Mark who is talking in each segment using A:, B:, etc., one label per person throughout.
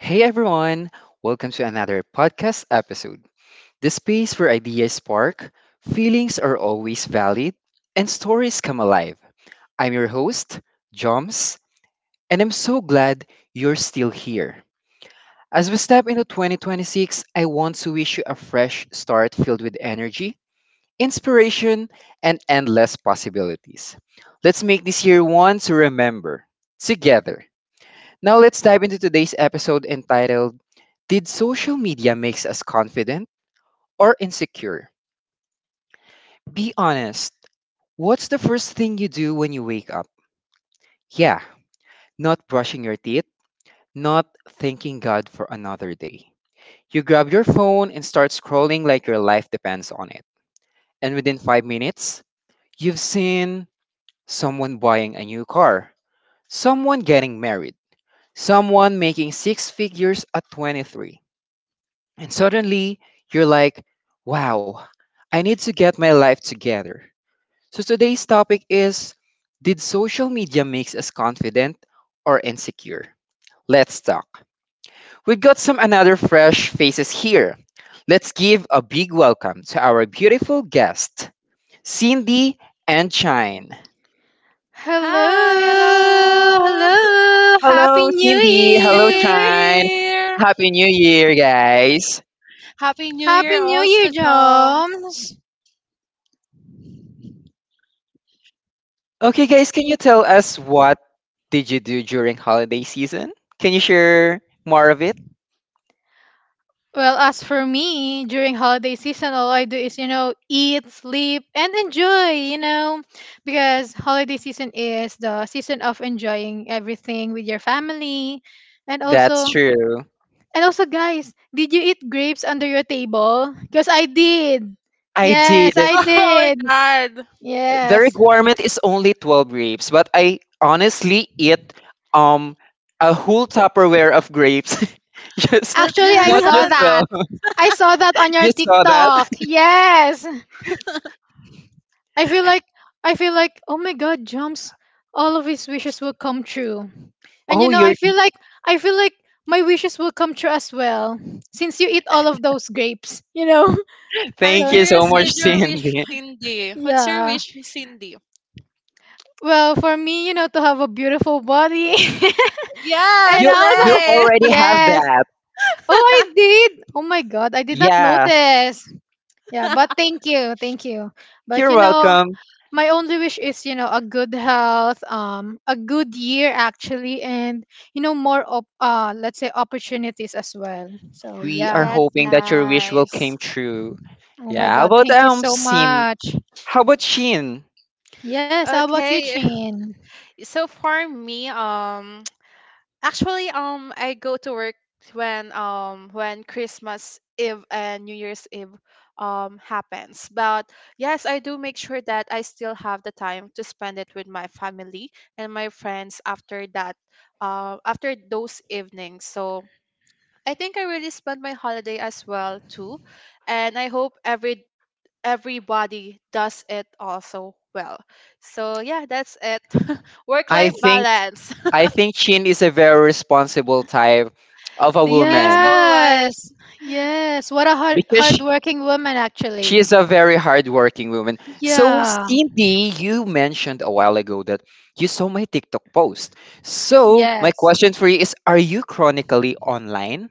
A: Hey everyone, welcome to another podcast episode. The space where ideas spark, feelings are always valid, and stories come alive. I'm your host, Joms, and I'm so glad you're still here. As we step into 2026, I want to wish you a fresh start filled with energy, inspiration, and endless possibilities. Let's make this year one to remember together. Now let's dive into today's episode entitled did social media makes us confident or insecure? Be honest. What's the first thing you do when you wake up? Yeah, not brushing your teeth, not thanking God for another day. You grab your phone and start scrolling like your life depends on it. And within 5 minutes, you've seen someone buying a new car, someone getting married, someone making six figures at 23. And suddenly, you're like, wow, I need to get my life together. So today's topic is: did social media makes us confident or insecure? Let's talk. We've got some another fresh faces here. Let's give a big welcome to our beautiful guest, Cindy and Chine.
B: Hi,
C: Hello,
B: hello.
C: hello.
A: Hello,
C: Happy New
A: Cindy.
B: Good
A: Hello,
B: to be
C: Year.
A: Chine.
B: here.
A: Happy New Year, guys.
B: Happy New Year
C: Happy New
B: also,
C: Year,
B: Joms.
C: Joms.
A: Okay, guys, can you tell us what did you do during holiday season? Can you share more of it?
C: Well, as for me, during holiday season, all I do is, you know, eat, sleep, and enjoy, you know, because holiday season is the season of enjoying everything with your family. And
A: That's
C: also,
A: true.
C: and also, guys, did you eat grapes under your table? Because I did.
A: I did.
C: Yes, I
B: Oh my
C: did.
B: god.
A: The
C: Yes.
A: requirement is only 12 grapes, but I honestly eat um a whole Tupperware of grapes. Just
B: That's
C: Actually, I
A: not
C: saw
A: just
C: that.
A: 12.
C: I saw that on your
A: You saw that?
C: TikTok. Yes. I feel like I feel like oh my god, jumps all of his wishes will come true. And you
A: Oh,
C: know, I
A: you're e-,
C: feel like I feel like my wishes will come true as well since you eat all of those grapes, you know.
B: I'm
A: Thank
C: So,
A: you so
B: curious
A: much,
B: with your wish,
A: Cindy.
B: Cindy. What's your
C: yeah.
B: wish, Cindy?
C: Well, for me, you know, to have a beautiful body. and
B: Yes,
A: You
C: also
A: you
B: Lay.
A: already have
C: yes.
A: that.
C: Oh, I did. Oh my god, I did not
A: Yeah.
C: notice. Yeah, but thank you. Thank you. But
A: You're
C: you know,
A: welcome.
C: my only wish is you know a good health a good year actually, and you know more let's say opportunities as well, so
A: We are
C: yeah.
B: That's
A: hoping that your wish will came
B: nice.
A: true.
C: Oh my
A: Yeah. How
C: god,
A: about
C: thank you so
A: Sin?
C: much.
A: How about Shin?
C: Yes, how about you,
B: Okay.
C: Chin?
B: So for me, um Actually, I go to work when Christmas Eve and New Year's Eve happens. But yes, I do make sure that I still have the time to spend it with my family and my friends after that, after those evenings. So I think I really spent my holiday as well too, and I hope everybody does it also well. So yeah, that's it. Work
A: I
B: life
A: think
B: balance.
A: I think Shin is a very responsible type of a
B: Thank you
A: woman
B: so much.
C: Yes, yes. What a
A: because
C: hardworking woman,
A: she
C: actually.
A: is a very hardworking woman. So,
C: Yeah,
A: Cindy, you mentioned a while ago that you saw my TikTok post. So, my
C: yes.
A: question for you is: are you chronically online?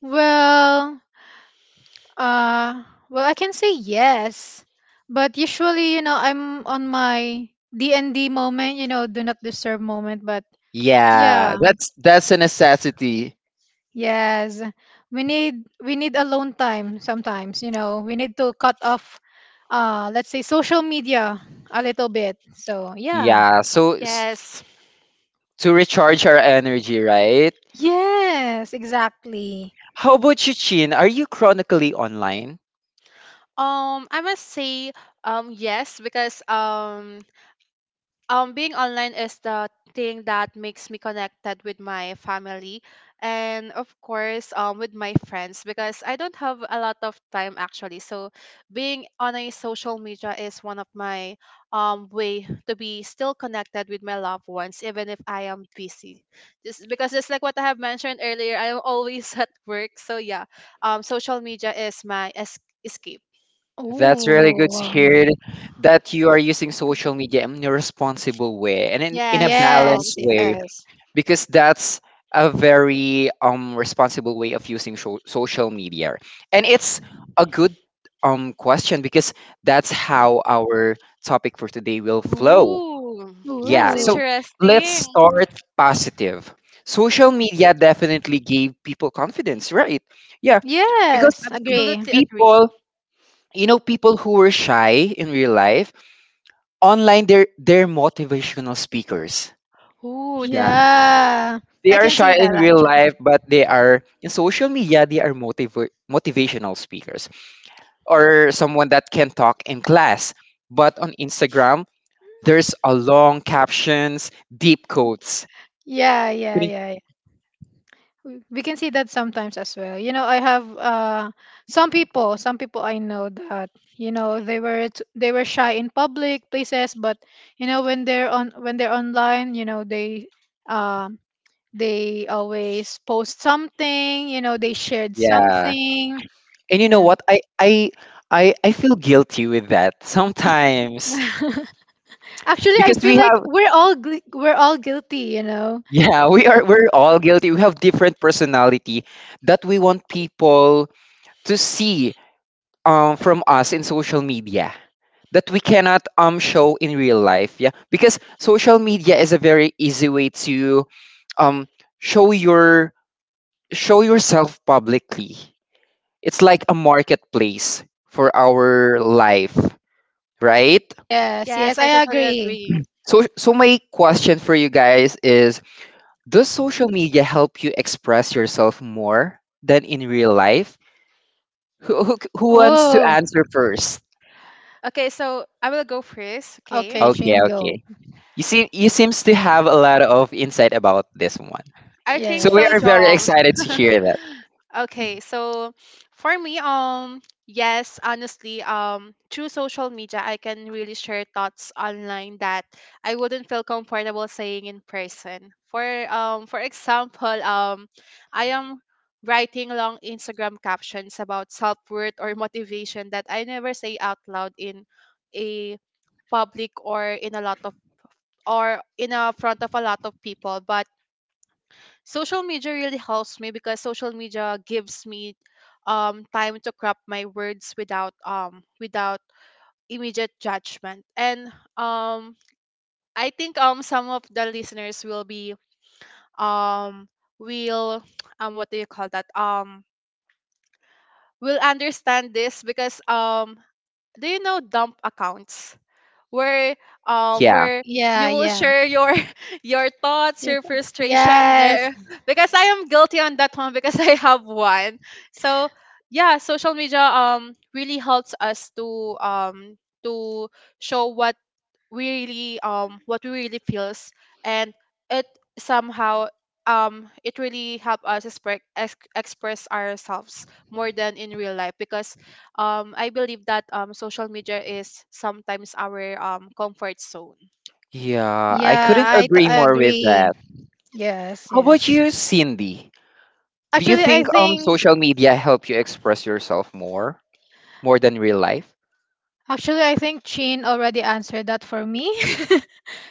C: Well, uh, well, I can say yes, but usually, you know, I'm on my D and D moment, you know, do not disturb moment. But
A: Yeah,
C: yeah,
A: that's a necessity.
C: yes. We need alone time sometimes, you know. We need to cut off let's say social media a little bit. So, yeah.
A: Yeah.
B: Yes.
A: To recharge our energy, right?
C: Yes, exactly.
A: How about you, Chin? Are you chronically online?
B: I must say, yes, because being online is the thing that makes me connected with my family, and of course with my friends, because I don't have a lot of time actually, so being on a social media is one of my way to be still connected with my loved ones even if I am busy, just because just like what I have mentioned earlier, I am always at work, so yeah, social media is my escape.
A: That's really good
C: Ooh.
A: to hear that you are using social media in a responsible way and in a
B: Yes, Joms.
C: Yes,
A: balanced way.
C: yes.
A: Because that's a very responsible way of using social media, and it's a good question because that's how our topic for today will flow.
B: Ooh,
A: Yeah,
B: that's
A: so
C: Ooh.
A: let's
B: interesting.
A: start positive. Social media definitely gave people confidence, right? Yeah, because
C: Yes, agree.
B: Absolutely agree.
A: people, people who were shy in real life, online they're motivational speakers.
B: Ooh,
A: Yeah.
C: Yeah.
A: They
C: I
A: are
C: can see
A: shy in
C: that
A: real
C: actually.
A: life, but they are in social media, they are motivational speakers, or someone that can talk in class. But on Instagram, there's a long captions, deep quotes.
C: Yeah, yeah,
A: Couldn't-
C: yeah, we can see that sometimes as well. You know, I have some people, some people I know that, you know, they were shy in public places, but you know, when they're online, you know, they, um they always post something. You know, they shared
A: Yeah.
C: something,
A: And you
C: you
A: know
C: know.
A: what? I feel guilty with that sometimes
C: Actually, I
A: because we
C: feel like
A: have,
C: we're all we're all guilty, you know.
A: yeah, we are, we're all guilty. We have different personality that we want people to see from us in social media, that we cannot show in real life. Yeah, because social media is a very easy way to um show your, show yourself publicly. It's like a marketplace for our life, right?
C: Yes,
B: yes,
C: yes,
B: I
C: I
B: totally
C: agree.
B: agree.
A: So my question for you guys is: does social media help you express yourself more than in real life? Who wants to
C: Oh,
A: answer first?
B: Okay, so I will go first. Okay,
C: okay,
A: okay
C: Shane, go.
A: okay You see, you seems to have a lot of insight about this one.
B: I think
A: So we
C: Yes.
B: so,
A: are very
B: John.
A: excited to hear that.
B: Okay, so for me, yes, honestly, through social media, I can really share thoughts online that I wouldn't feel comfortable saying in person. For example, I am writing long Instagram captions about self-worth or motivation that I never say out loud in a public or in a lot of or in a front of a lot of people. But social media really helps me because social media gives me time to craft my words without without immediate judgment. And um I think some of the listeners will be um will what do you call that will understand this, because do you know dump accounts, where um
A: Yeah.
B: where
C: Yeah,
B: you will
C: yeah.
B: share your your thoughts, your
C: Yes.
B: frustration
C: Yes.
B: there. Because I am guilty on that one, because I have one. So yeah, social media really helps us to to show what we really, feels and it somehow it really help us express ourselves more than in real life, because I believe that social media is sometimes our comfort zone.
A: Yeah, I
C: Yeah,
A: couldn't agree
C: I
A: more with
C: agree.
A: that.
C: Yes,
A: How
C: yes.
A: about you, Cindy? Do you
C: Actually, I
A: think
C: think
A: social media help you express yourself more, than real life?
C: Chin already answered that for me.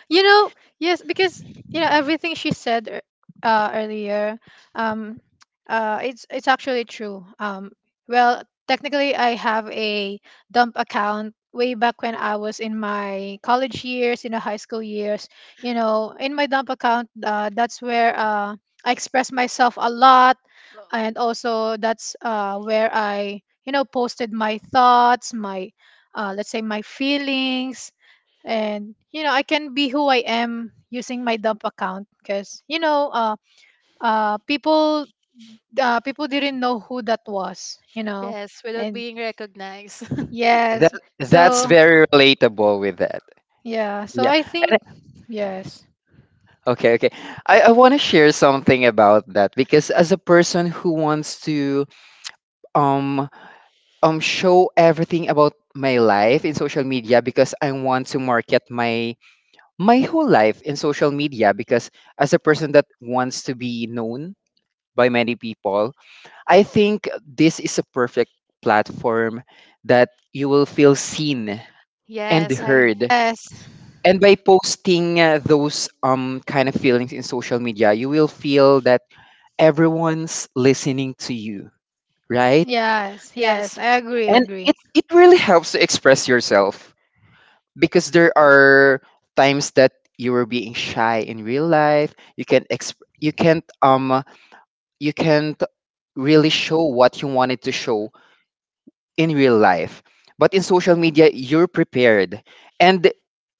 C: You know, yes, because you know everything she said earlier. Um, it's actually true. Well, technically, I have a dump account way back when I was in my college years, in the high school years. You know, in my dump account, that's where I express myself a lot,
B: Well,
C: and also that's where I you know posted my thoughts, my, let's say, my feelings, and you know I can be who I am using my dump account because you know people, people didn't know who that was, you know.
B: yes, without
C: And
B: being recognized.
A: That
C: yes,
A: that's
C: so
A: very relatable with that.
C: yeah. So
A: Yeah.
C: I think,
A: And-
C: yes.
A: okay, I want to share something about that because as a person who wants to um show everything about my life in social media, because I want to market my whole life in social media, because as a person that wants to be known by many people, I think this is a perfect platform that you will feel seen and
B: Yes, I
A: heard.
C: Yes,
A: And by posting those kind of feelings in social media, you will feel that everyone's listening to you, right?
C: yes, yes,
B: yes.
C: I agree,
A: And
C: agree.
A: it really helps to express yourself, because there are times that you were being shy in real life. You you can't you can't really show what you wanted to show in real life, but in social media you're prepared, and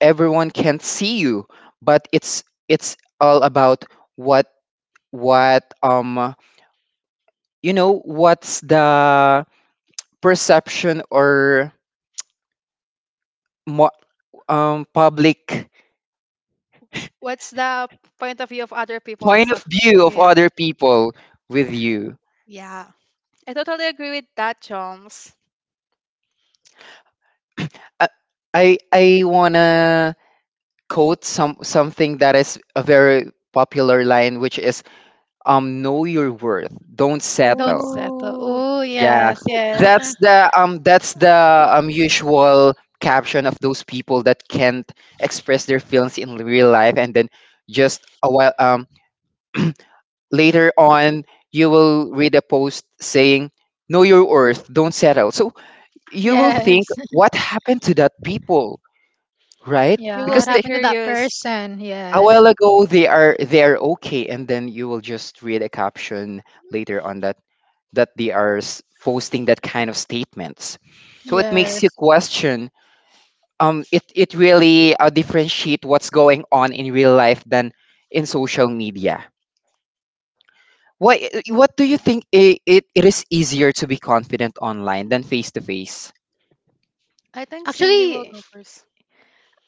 A: everyone can't see you. But it's all about what, what um you know, what's the perception or mo- public
B: What's the point of view of other people?
A: point
B: So,
A: of view of
B: yeah,
A: other people with you.
B: yeah, I totally agree with that, Joms.
A: I I wanna quote some something that is a very popular line, which is know your worth, don't
C: Don't
A: settle.
C: settle.
B: Ooh,
C: Oh
A: Yeah,
C: yes, yes.
A: that's the usual caption of those people that can't express their feelings in real life, and then just a while later on you will read a post saying know your worth, don't settle. So you will think
C: Yes.
A: what happened to that people, right?
B: you
C: Yeah.
B: will
C: What
A: Because
B: be
A: they,
C: happened to that
B: curious.
C: person?
A: a
C: Yes.
A: while ago they are, they are okay, and then you will just read a caption later on that, that they are posting that kind of statements. So it makes you
C: Yes.
A: question, it really, differentiate what's going on in real life than in social media. what what do you think, it is easier to be confident online than face to face?
B: I think Cindy will
C: Actually,
B: go first.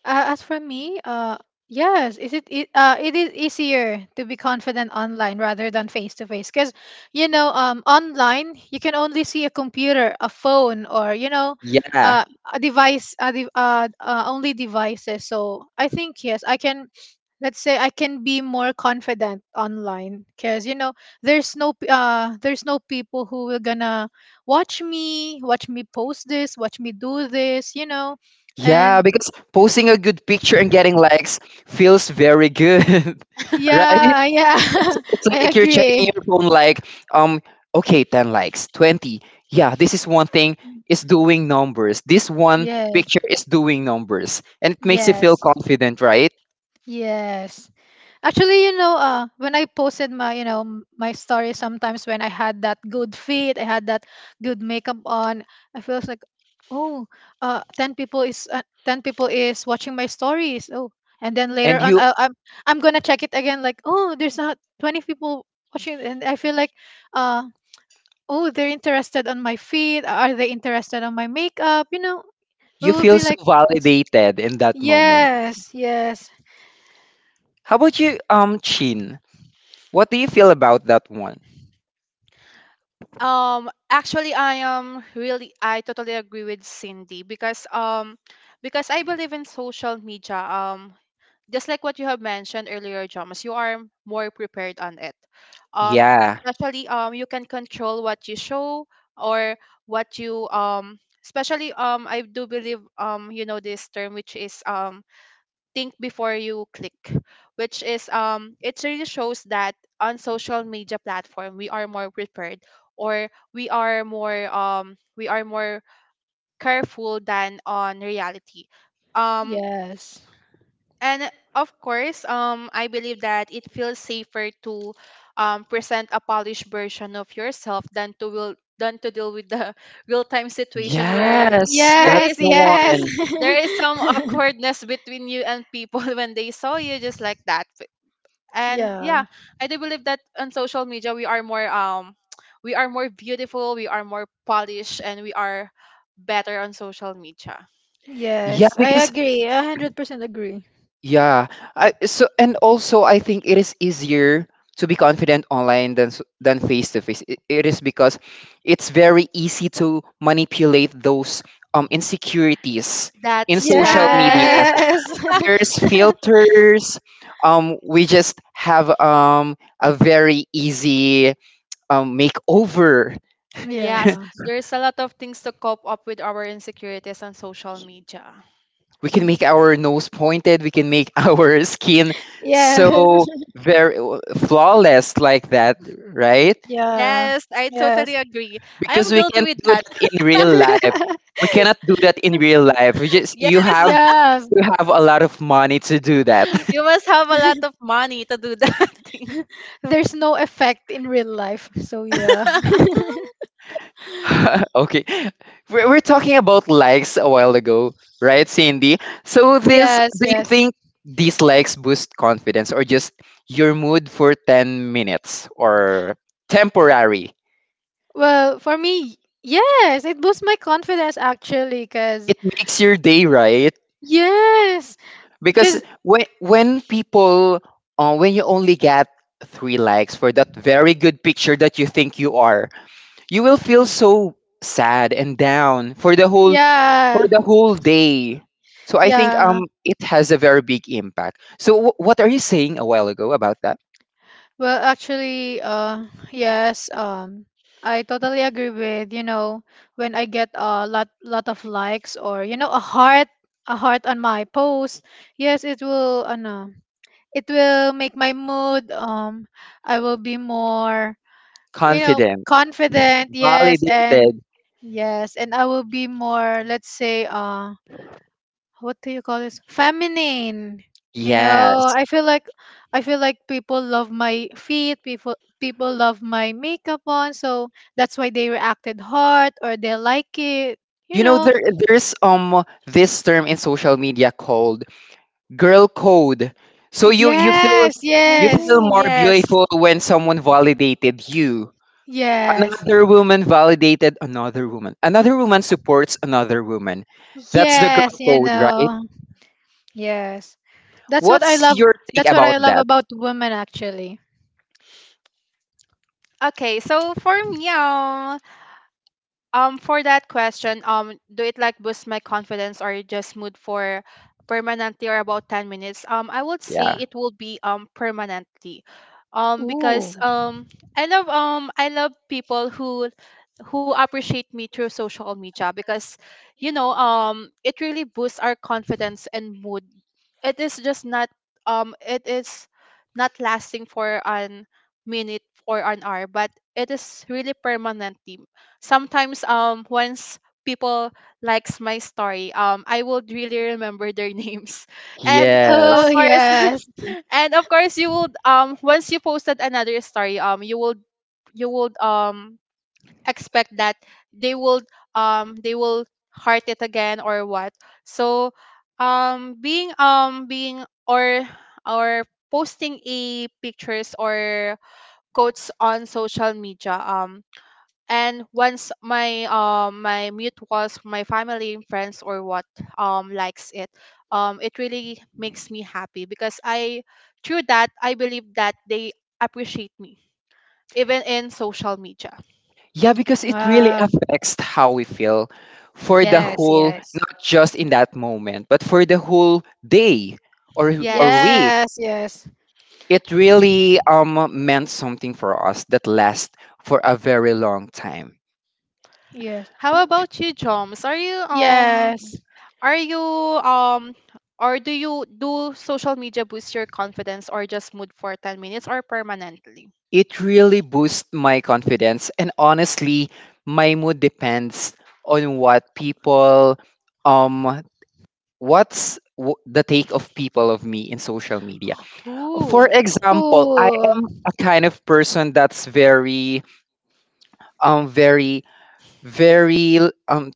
C: As for me, yes, is it, it it is easier to be confident online rather than face to face because you know, online you can only see a computer, a phone, or you know,
A: Yeah.
C: uh, a device, only devices. So I think yes, I can. Let's say I can be more confident online because you know there's there's no people who will gonna watch me post this, watch me do this, you know,
A: Yeah,
C: and
A: because posting a good picture and getting likes feels very good. Right?
C: yeah, yeah.
A: It's
C: I
A: like you're checking
C: agree.
A: your phone like, um, okay, 10 likes, 20. Yeah, this is one thing is doing numbers. This one
C: Yes.
A: picture is doing numbers. And it makes you feel
C: Yes.
A: confident, right?
C: Yes. Actually, you know, when I posted my, you know, my story sometimes when I had that good fit, I had that good makeup on, I feels like, oh, 10 people is 10 people is watching my stories. Oh, and then later
A: And
C: on,
A: you
C: I'm gonna check it again. Like, oh, there's not 20 people watching, and I feel like, uh, oh, they're interested on my feet. Are they interested on my makeup? You know, we
A: you
C: will
A: feel
C: be
A: so
C: like,
A: validated in that moment.
C: yes, yes,
A: How about you, Chin? What do you feel about that one?
B: Actually, I totally agree with Cindy, because because I believe in social media. Just like what you have mentioned earlier, Jomas, you are more prepared on it. Um,
A: Yeah.
B: especially, you can control what you show, or what you, especially, I do believe, you know this term, which is think before you click, which is it really shows that on social media platform we are more prepared, or we are more careful than on reality. Um
C: yes,
B: and of course, I believe that it feels safer to present a polished version of yourself than to will than to deal with the real time situation where
A: Yes,
B: there
A: that's
B: is
C: yes,
A: the
C: yes.
A: one.
B: there is some awkwardness between you and people when they saw you just like that. And yeah,
C: Yeah,
B: I do believe that on social media we are more we are more beautiful, we are more polished, and we are better on social media.
A: Yeah,
C: yes, I
A: because
C: agree. I 100% agree.
A: yeah. I, so and also I think it is easier to be confident online than than face to face. It is because it's very easy to manipulate those insecurities in
B: That's
A: social
B: right.
A: media.
C: Yes.
A: There's filters. We just have a very easy makeover.
B: Yes,
C: Yeah.
B: there's a lot of things to cope up with our insecurities on social media.
A: We can make our nose pointed. We can make our skin
C: Yes. Yeah.
A: so very flawless like that, right?
C: Yeah.
B: Yes, I totally
C: Yes.
B: agree. I
A: Because
B: am
A: we
B: guilty
A: can't
B: with
A: do
B: that.
A: that in real life. We cannot do that in real life. We just, you
B: Yes,
A: have
C: Yeah.
A: to have a lot of money to do that.
B: you must have a lot of money to do that thing.
C: There's no effect in real life. So yeah.
A: Okay, we're talking about likes a while ago, right, Cindy? So this,
C: Yes,
A: do you
C: yes.
A: think these likes boost confidence or just your mood for 10 minutes, or temporary?
C: Well, for me, yes, it boosts my confidence actually, cuz
A: It makes your day, right?
C: yes,
A: Because
C: cuz
A: when people, when you only get three likes for that very good picture that you think you are, you will feel so sad and down for
C: yeah.
A: the whole day. So I think
C: Yeah.
A: it has a very big impact. So what are you saying a while ago about that?
C: Well, actually, yes, I totally agree with, you know, when I get a lot of likes or, you know, a heart on my post, yes, it will, ano, it will make my mood, I will be more, you know,
A: Confident.
C: confident, yes,
A: Validated.
C: and yes, and I will be more, let's say, what do you call this, feminine. You know,
A: Yes,
C: I feel like people love my feet, people love my makeup on, so that's why they reacted hard or they like it, you
A: you know,
C: know.
A: there there's this term in social media called girl code. So you feel,
C: Yes,
A: you
C: yes,
A: feel
B: Oh,
A: more
B: yes.
A: beautiful when someone validated you.
C: yes,
A: Another woman validated another woman. Another woman supports another woman. That's the girl
C: yes, you
A: code, right?
C: know, yes. That's what I
A: What's
C: love.
A: your take
C: That's what I
A: about
C: love
A: that?
C: about women actually.
B: Okay, so for me, for that question, do it like boost my confidence or just mood for permanently or about 10 minutes? I would say
A: Yeah.
B: it will be permanently. Because
C: Ooh.
B: I love, I love people who appreciate me through social media, because you know it really boosts our confidence and mood. It is just not it is not lasting for an minute or an hour, but it is really permanently. Sometimes once people likes my story, I would really remember their names. And of
A: Yes.
C: Oh
B: course
C: yes.
B: and of course you would, once you posted another story, you would expect that they would, they will heart it again or what. So being or or posting a pictures or quotes on social media, and once my, my mute was my family and friends or what likes it, it really makes me happy, because I through that I believe that they appreciate me even in social media.
A: Yeah, because it really
C: Wow.
A: affects how we feel for the
C: Yes,
A: whole,
C: yes.
A: not just in that moment, but for the whole day or
B: Yes.
A: week.
C: Yes, yes.
A: It really, meant something for us that lasts for a very long time.
C: Yes.
B: How about you, Joms? are you um
C: Yes.
B: are you um or do you do social media boost your confidence or just mood for 10 minutes or permanently?
A: It really boosts my confidence, and honestly, my mood depends on what people, um, the take of people of me in social media.
B: Ooh,
A: For example, I
C: Ooh.
A: am a kind of person that's um, very, very um,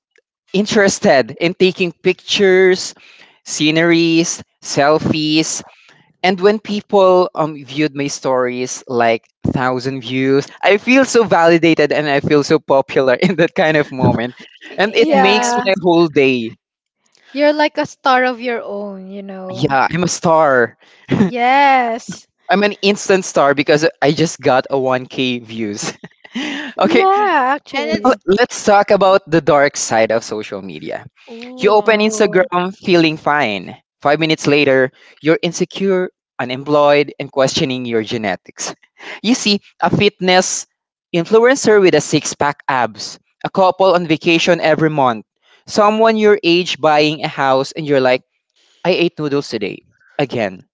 A: interested in taking pictures, sceneries, selfies. And when people, viewed my stories, like thousand views, I feel so validated and I feel so popular in that kind of moment. And it makes
B: yes.
C: Yeah.
A: my whole day.
C: You're like a star of your own, you know.
A: Yeah, I'm a star.
C: Yes.
A: I'm an instant star because I just got a 1K views. Okay,
C: Yeah,
B: And
A: now,
B: it's
C: actually.
A: let's talk about the dark side of social media. You
B: ooh.
A: open
C: Oh.
A: Instagram feeling fine. 5 minutes later, you're insecure, unemployed, and questioning your genetics. You see a fitness influencer with a six pack abs, a couple on vacation every month, someone your age buying a house, and you're like, I ate noodles today. Again.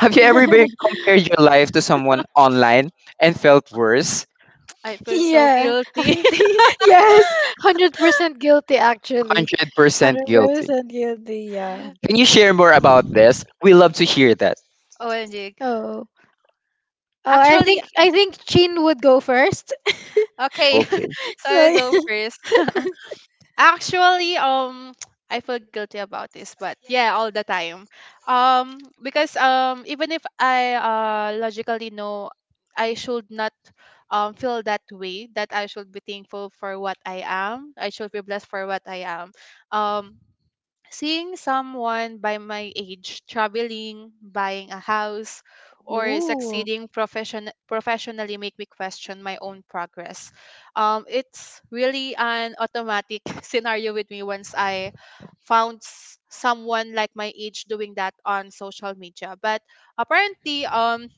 A: Have you ever been- Compared your life to someone online and felt worse?
B: I feel so
C: Yeah,
B: guilty.
C: I think yes, 100% guilty actually,
A: 100%
C: hundred
A: guilty.
C: percent guilty. Yeah.
A: Can you share more about this? We love to hear that.
B: OMG.
C: Oh, oh, I
B: Actually,
C: think I think Chin would go first.
B: okay. So
A: Okay.
B: I
C: So,
B: will
C: yeah.
B: go first. Actually, I feel guilty about this, but yeah, all the time. Because even if I, logically know I should not, feel that way, that I should be thankful for what I am. I should be blessed for what I am. Um Seeing someone by my age traveling, buying a house, or
C: Ooh,
B: succeeding professionally make me question my own progress. It's really an automatic scenario with me once I found someone like my age doing that on social media. But apparently,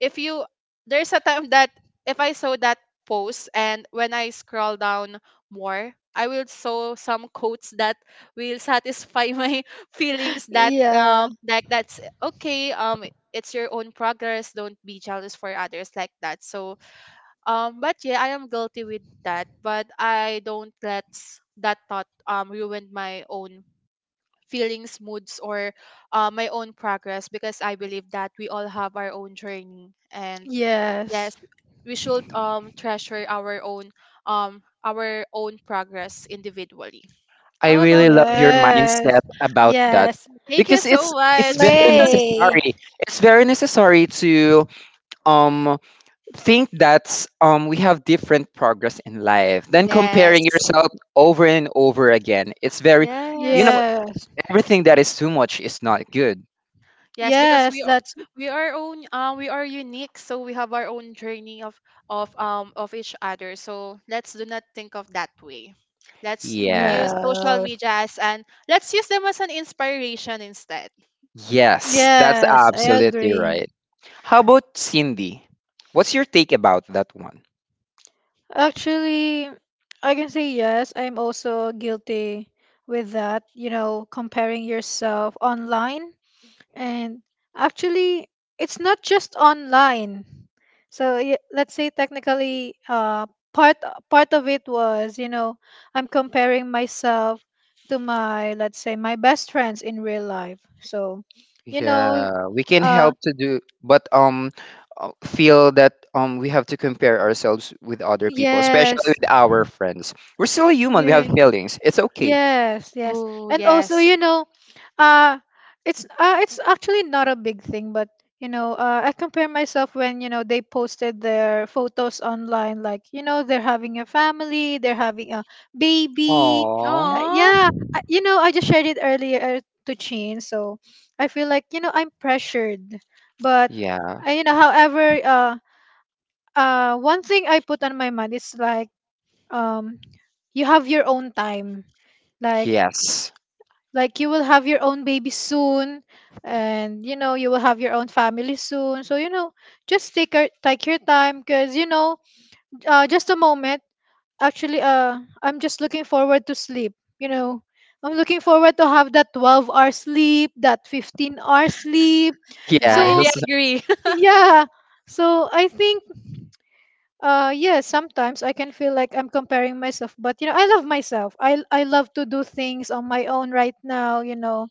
B: if you there's a time that if I saw that post and when I scroll down more, I will saw some quotes that will satisfy my feelings that,
C: yeah,
B: like, that's okay. It's your own progress, don't be jealous for others like that. So but yeah, I am guilty with that, but I don't let, that thought ruin my own feelings, moods, or, my own progress, because I believe that we all have our own journey. And
C: yes,
B: yes, we should treasure our own, our own progress individually.
A: I
B: How
A: really
B: about
A: love your
B: you?
C: yes,
A: mindset about that,
C: yes,
B: Thank you
A: because it's
B: so much.
A: very
C: slay.
A: necessary. It's very necessary to um think that we have different progress in life than comparing
B: Yes.
A: yourself over and over again. It's very, you
B: Yes.
A: know,
C: Yes,
A: everything that is too much is not good.
B: Yes, because
C: yes, that's.
B: we are unique, so we have our own journey of, of each other. So let's do not think of that way. Let's use
A: Yeah.
B: social
C: Yes.
B: media as and let's use them as an inspiration instead.
A: Yes, that's
C: Yes, I
A: absolutely
C: agree.
A: right. How about Cindy? What's your take about that one?
C: Actually, I can say yes. I'm also guilty with that, you know, comparing yourself online. And actually, it's not just online. So let's say technically, part of it was, you know, I'm comparing myself to my, let's say, my best friends in real life. So, you know,
A: Yeah, we can
C: uh,
A: help to do, but feel that we have to compare ourselves with other people, especially
C: yes.
A: with our friends. We're still human. We
C: Yeah.
A: have feelings. It's okay.
C: Yes, yes.
B: Oh
C: And also,
B: yes.
C: you know, uh it's actually not a big thing, but you know, I compare myself when, you know, they posted their photos online, like, you know, they're having a family, they're having a baby.
A: Oh,
B: Oh,
C: Yeah, you know, I just shared it earlier to Chin, so I feel like,
B: like
C: you know, I'm pressured. But
A: yeah.
C: you know, however,
B: um,
C: one thing I put on my mind is like, um you have your own time, like
A: Yes.
B: like
C: like you will
B: like
C: have your own baby
B: so
C: soon, and you know you will have your own family soon. So you know, just take your, take your time because you know, just a moment. Actually, I'm just looking forward to sleep, you know. I'm looking forward to have that 12-hour hour sleep, that 15-hour hour sleep.
B: I
C: So
B: highly
A: Yes.
B: agree.
C: yeah, so I think, uh, yeah, sometimes I can feel like I'm comparing myself, but you know, I love myself. I love to do things on my
B: oh
C: own right now, you know.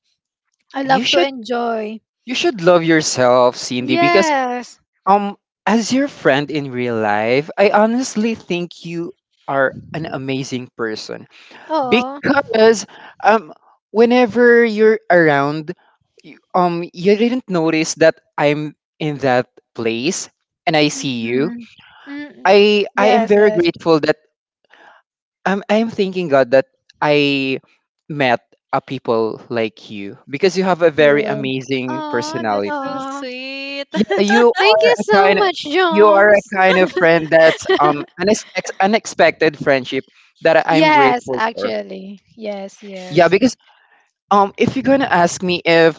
C: I
A: You
C: love to
A: should
C: enjoy.
A: you should love yourself, Cindy, because
C: Yes.
A: um, as your friend in real life, I honestly think you are an amazing person.
C: Oh.
A: Because um whenever you're around you, you didn't notice that I'm in that place and I see you.
C: Mm-mm. Mm-mm.
A: I am
C: Yes,
A: very
C: yes.
A: grateful that I'm thanking God that I met a people like you because you have a very
C: Oh.
A: amazing
B: Oh, that's so
A: personality.
C: Aw.
B: sweet.
A: Yeah, you
C: Thank
A: are
C: you
A: a
C: so
A: kind of
C: much, Joms.
A: friend that's unexpected friendship that I'm
C: Yes,
A: grateful for.
C: actually. Yes,
A: Yeah,
C: yes.
A: because if you're gonna ask me if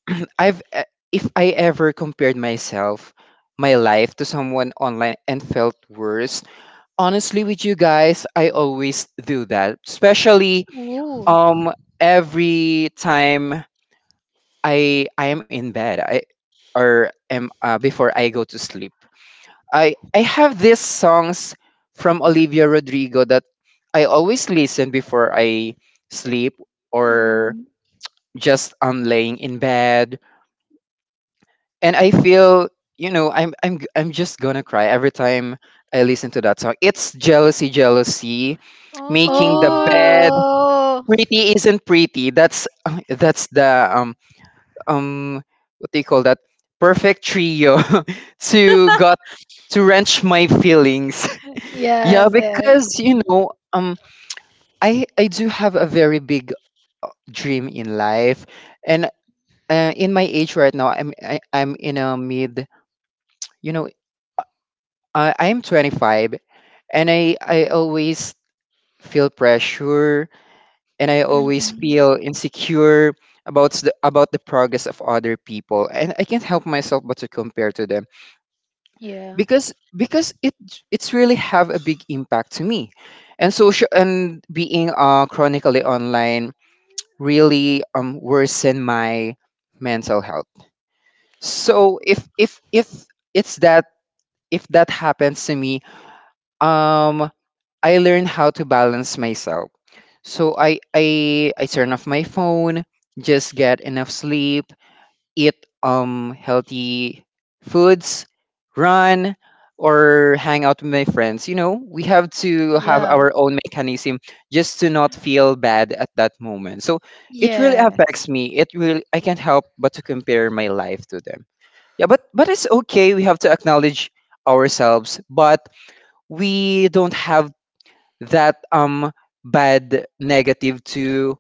A: I've e- if I ever compared myself, my life, to someone online and felt worse, honestly with you guys, I always do that. Especially
C: Ooh.
A: um every time I am in bed, I or am before I go to sleep. I have these songs from Olivia Rodrigo that I always listen before I sleep, or
C: Mm.
A: just laying in bed, and I feel, I'm just gonna cry every time I listen to that song. It's Jealousy, Jealousy, Making the
B: Oh,
A: Bed,
C: Oh,
A: Pretty Isn't Pretty. That's that's the um what do you call that, perfect trio to got to wrench my feelings.
B: yeah. That's
A: Yeah,
C: yes, yes.
A: because I do have a very big dream in life, and in my age right now, I'm in a mid, you know I'm 25, and I always feel pressure, and I always
C: Hmm.
A: feel insecure about the progress of other people, and I can't help myself but to compare to them,
C: Yeah,
A: because it's really have a big impact to me. And social, and being chronically online really worsen my mental health. So it's that if that happens to me, um I learned how to balance myself. So I turn off my phone, just get enough sleep, eat healthy foods, run, or hang out with my friends. We have to have
C: yeah,
A: our own mechanism just to not feel bad at that moment. So it really
C: yeah.
A: affects me. It really, I can't help but to compare my life to them. Yeah, but it's okay. We have to acknowledge ourselves, but we don't have that bad negative to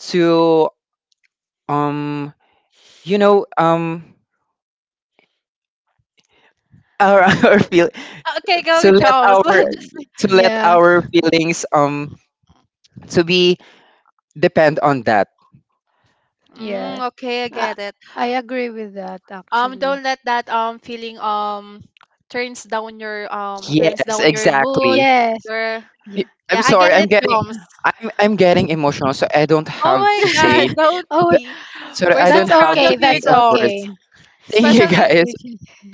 A: to um you know um our, our feel
B: okay. Go,
A: to let
B: Jaws.
A: our
C: Mm.
B: Just,
A: to let
C: Yeah,
A: our feelings to be depend on that.
B: mm,
C: yes.
B: okay, I
C: I,
B: get it.
C: I agree with that actually.
B: Don't let that, feeling, turns
A: Yes,
B: down your mood,
A: exactly.
C: Yes.
B: your
C: Yeah.
A: Y-
B: yeah,
A: I'm
B: I
A: sorry,
B: get
A: i'm
B: it,
A: getting
B: Joms.
A: i'm i'm getting emotional. So I don't
B: Oh
A: have
B: my
A: to say,
B: god, don't
C: Oh,
A: th-
B: be.
A: so
B: We're
A: I
B: so
A: don't
C: that's
B: proud
A: have to
B: of
C: okay.
B: you,
A: think
C: That's
A: of words.
C: okay.
B: Joms.
A: Thank you,
B: Especially
A: guys.
C: If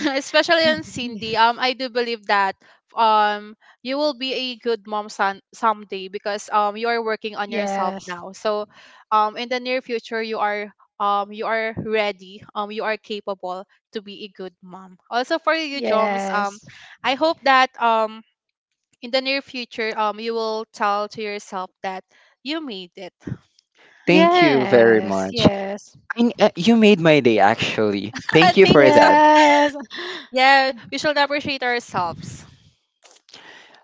B: especially on Cindy, I do believe that um you will be a good mom son someday, because you are working on yourself
C: yes. Yes.
B: now. So in the near future you are, you are ready, you are capable to be a good mom. Also for you, Joms, I hope that in the near future you will tell to yourself that you made it.
A: Thank you very
C: Yes.
A: much.
C: Yes.
A: I mean, you made my day. Actually, thank you
B: Thank
A: for
B: you so
A: that.
C: Yes.
B: yeah, we should appreciate ourselves.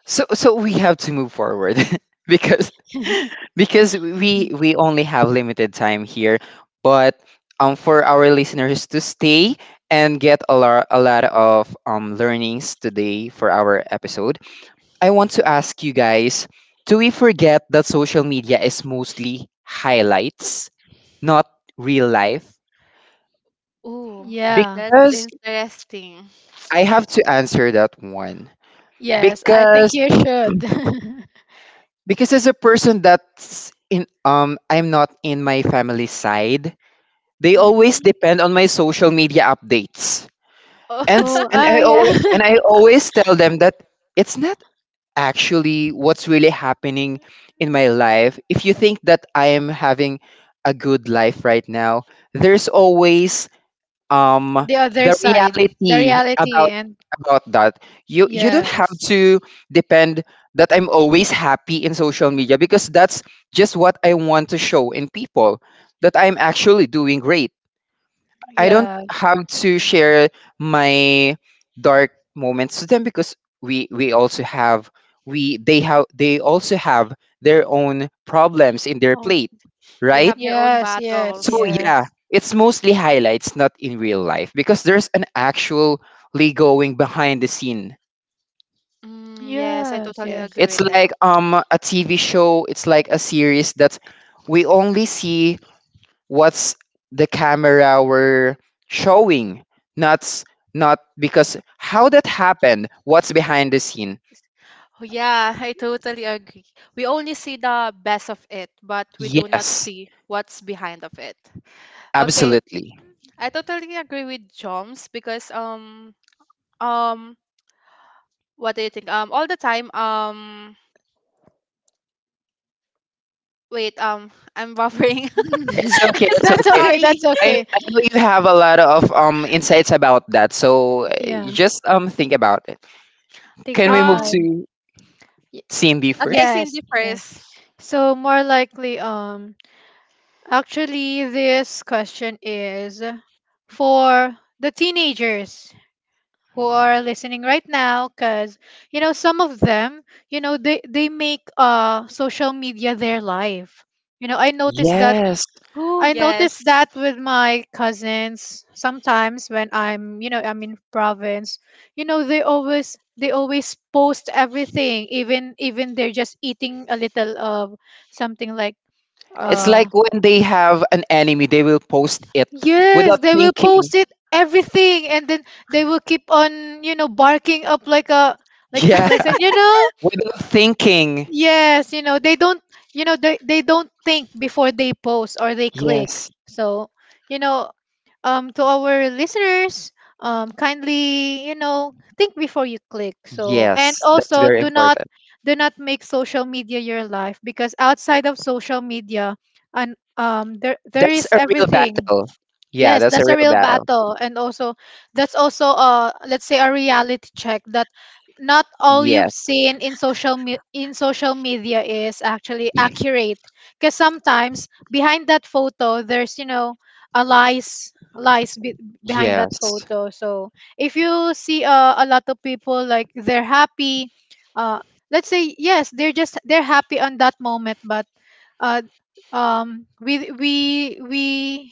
A: So we have to move forward, because because we only have limited time here. But for our listeners to stay and get a lot of learnings today for our episode, I want to ask you guys, do we forget that social media is mostly highlights, not real life?
B: Ooh,
C: Yeah.
B: that's
A: Because
B: interesting.
A: I have to answer that one.
C: Yes. I think
A: Because
C: you should.
A: because as a person that's in I'm not in my family side, they
C: Mhm.
A: always depend on my social media updates. And s-
C: Oh,
A: and
C: oh,
A: I
C: yeah.
A: al- and I always tell them that it's not actually what's really happening in my life. If you think that I am having a good life right now, there's always um
C: The other
A: the
C: side, the
A: reality
C: reality,
A: about
C: and
A: that. You don't
C: yes.
A: have to depend that I'm always happy in social media, because that's just what I want to show in people, that I'm actually doing great. I don't
C: Yes.
A: have to share my dark moments to them, because we also have we they also have their own problems in their
B: Oh,
A: plate,
B: they
A: right?
B: have their own
C: Yes, yes,
B: battles.
A: So yeah,
C: yes.
A: it's mostly highlights, not in real life, because there's an actually going behind the scene.
B: Mm, yes, I
C: Yes,
B: totally
C: yes,
B: agree
C: yes.
A: It's
B: with that.
A: like a TV show. It's like a series that we only see what's the camera were showing, not s- not because how that happened. What's behind the scene?
B: Oh, yeah, I totally agree. We only see the best of it, but we do not
A: Yes,
B: see what's behind of it. Okay,
A: absolutely.
B: I totally agree with Joms, because um what do you think? All the time, wait, I'm buffering.
A: It's okay.
B: I'm
A: It's
B: so
C: That's
A: okay.
C: okay.
B: sorry.
C: That's
A: I,
C: okay.
A: I know you have a lot of insights about that, so you
C: Yeah.
A: just think about it.
C: Take
A: Can we
C: your
A: move
B: Um
C: time.
A: to
C: Y-
A: scene B
B: okay,
A: first?
C: Yes,
B: Cindy
C: yes.
B: first.
C: So more likely, actually, this question is for the teenagers who are listening right now, because you know some of them, you know, they make social media their life. You know, I noticed that.
A: Yes.
B: Oh,
C: I noticed
B: yes.
C: that with my cousins sometimes when I'm, you know, I'm in province, you know, they always post everything, even they're just eating a little of something, like,
A: It's
C: uh
A: like when they have an enemy, they will post it
C: yes,
A: without
C: they will
A: thinking.
C: post it everything, and then they will keep on, you know, barking up like a,
A: Yeah,
C: like say, you know,
A: without thinking.
C: yes, you know, they don't you know they don't think before they post or they click.
A: Yes.
C: So, you know, um, to our listeners, um, kindly, you know, think before you click. So, and
A: Yes, that's
C: also,
A: very
C: do not
A: important.
C: make social media your life, because outside of social media, and um, there
A: That's
C: is
A: a real
C: everything.
A: battle. Yeah,
C: Yes,
A: that's a
C: that's a
A: real
C: real
A: battle.
C: battle. And also, that's also, let's say, a reality check that not all you've
A: Yes.
C: seen in in social media is actually accurate. Because sometimes behind that photo, there's you know a lies behind that
A: Yes,
C: photo. So if you see, a lot of people, like they're happy, uh, let's say yes, they're just they're happy on that moment, but, uh, um, we we we,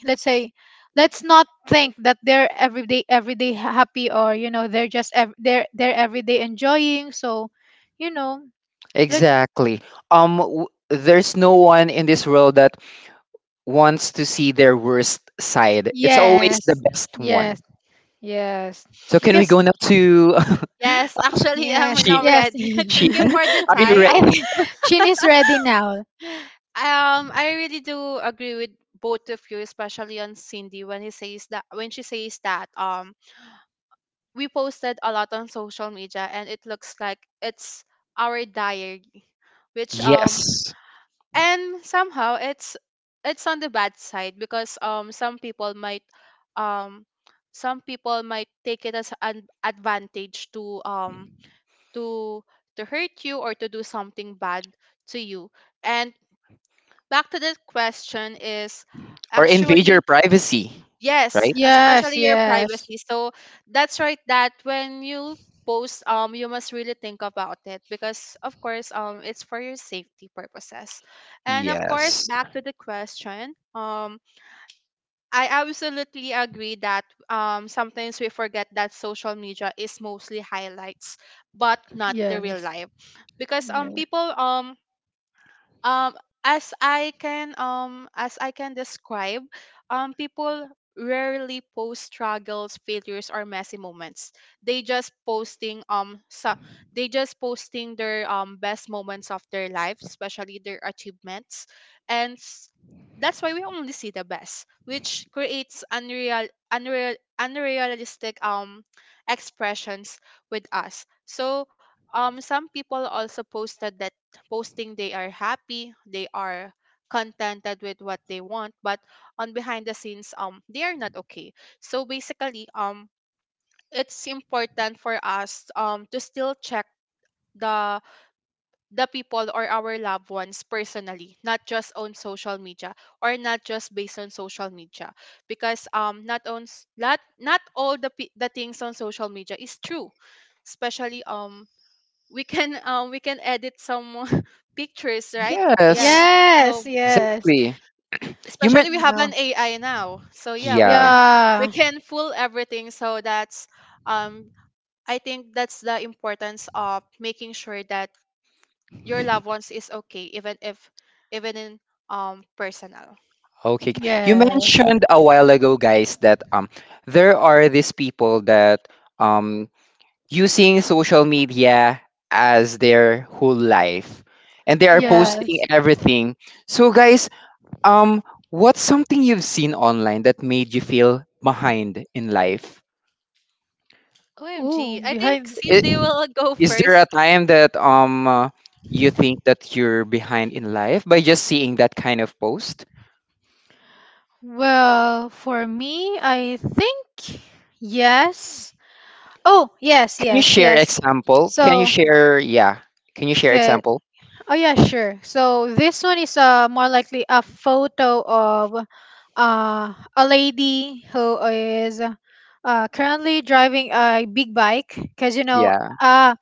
C: let's say, let's not think that they're everyday happy, or you know they're just they're everyday enjoying. So you know, let's,
A: exactly. There's no one in this world that wants to see their worst side. It's always the
C: yes,
A: best
C: yes,
A: one.
C: yes,
A: So can we
C: because
A: go now to
B: Yes, actually, I'm
C: yes,
A: Sheen?
B: now
C: yes.
B: ready. Thank you
A: Sheehan,
B: for the
A: are you
B: time.
C: I
A: ready?
C: think Chin is ready now.
B: I really do agree with both of you, especially on Cindy when he says that when she says that we posted a lot on social media and it looks like it's our diary, which
A: Yes.
B: and somehow it's on the bad side because um some people might take it as an advantage to to to hurt you or to do something bad to you. And back to the question is
A: Or invade
B: actually
A: your privacy,
B: yes,
A: right?
C: Yes
B: especially your
C: yes
B: privacy. So that's right, that when you post you must really think about it because of course it's for your safety purposes. And of course
A: Yes.
B: back to the question, I absolutely agree that sometimes we forget that social media is mostly highlights, but not the real
C: yes
B: life, because
C: yes
B: people um as I can as I can describe, people rarely post struggles, failures or messy moments. They just posting um so they just posting their best moments of their life, especially their achievements. and s- that's why we only see the best, which creates unrealistic expressions with us. So some people also posted that posting they are happy, they are contented with what they want, but on behind the scenes, they are not okay. So basically, it's important for us to still check the the people or our loved ones personally, not just on social media or not just based on social media, because not on s- not not all the things on social media is true. Especially we can edit some pictures, right? Yeah,
A: Yes.
B: so
C: yes yes,
A: Exactly. You
B: especially
A: meant.
B: we
C: you
B: have
C: know.
B: an AI now, so yeah, we can,
A: Yeah.
B: we
C: Yeah.
B: can fool everything. So that's um I think that's the importance of making sure that your loved ones is okay, even if, even in personal.
A: Okay. You
C: Yes.
A: mentioned a while ago, guys, that there are these people that um using social media as their whole life, and they are
B: Yes,
A: posting
C: Yes.
A: everything. So guys, um what's something you've seen online that made you feel behind in life?
B: OMG,
C: Ooh,
B: I think
C: behind.
B: Cindy will go
A: Is there
B: first.
A: a time that you think that you're behind in life by just seeing that kind of post?
C: Well, for me, I think yes. Oh, yes,
A: Can you
C: yes,
A: share
C: yes.
A: example? Can you
C: So,
A: share, yeah. Can you share
C: okay.
A: example?
C: Oh yeah, sure. So this one is more likely a photo of a lady who is currently driving a big bike because you know
A: Yeah.
C: uh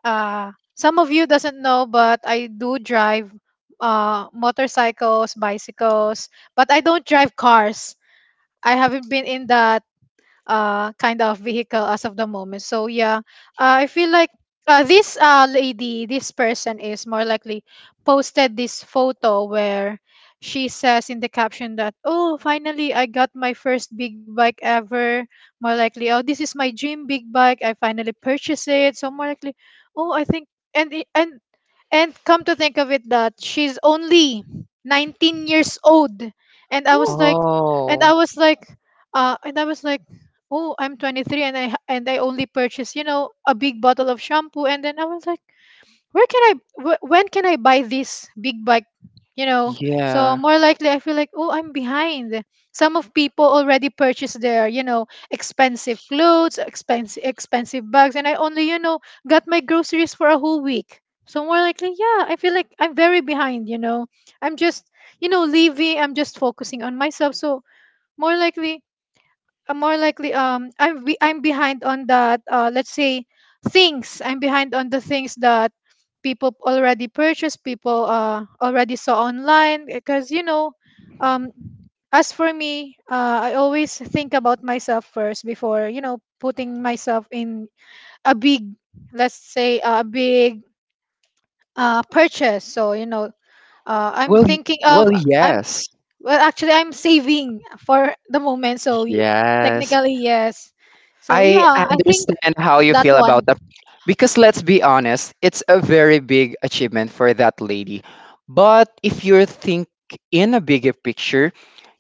C: Some of you doesn't know, but I do drive, motorcycles, bicycles, but I don't drive cars. I haven't been in the kind of vehicle as of the moment, so yeah. I feel like, this lady, this person, is more likely posted this photo where she says in the caption that, oh, finally, I got my first big bike ever. More likely, oh, this is my dream big bike. I finally purchased it. So more likely, oh, I think, and it- and come to think of it, that she's only 19 years old. And I
B: Who?
C: was like, and
A: Oh.
C: I was like and I was like oh, I'm 23, and I only purchased, a big bottle of shampoo. And then I was like, where can I, when can I buy this big bike? So
A: Yeah.
C: more likely I feel like, oh, I'm behind. Some of people already purchase their, expensive clothes, expensive bags, and I only, got my groceries for a whole week. So more likely, yeah, I feel like I'm very behind. I'm just, leaving. I'm just focusing on myself. So more likely, I'm more likely, I'm behind on that, let's say, things. I'm behind on the things that people already purchased, people already saw online because, um as for me, I always think about myself first before, putting myself in a
B: A
C: big,
B: big,
C: let's
B: let's
C: say,
B: say,
C: a big purchase.
B: purchase.
C: So,
B: Uh,
C: I'm
A: Well, y-
B: I-
C: thinking of,
A: well, yes.
C: well,
B: well,
C: actually,
B: actually,
C: I'm saving
B: for
C: for the moment. So,
A: Yes.
C: technically, yes. So yeah,
A: I
C: I think
A: understand how you
C: that
A: feel about
C: one.
A: that, because let's be honest, it's a very big achievement for that lady. But if you think in a bigger picture,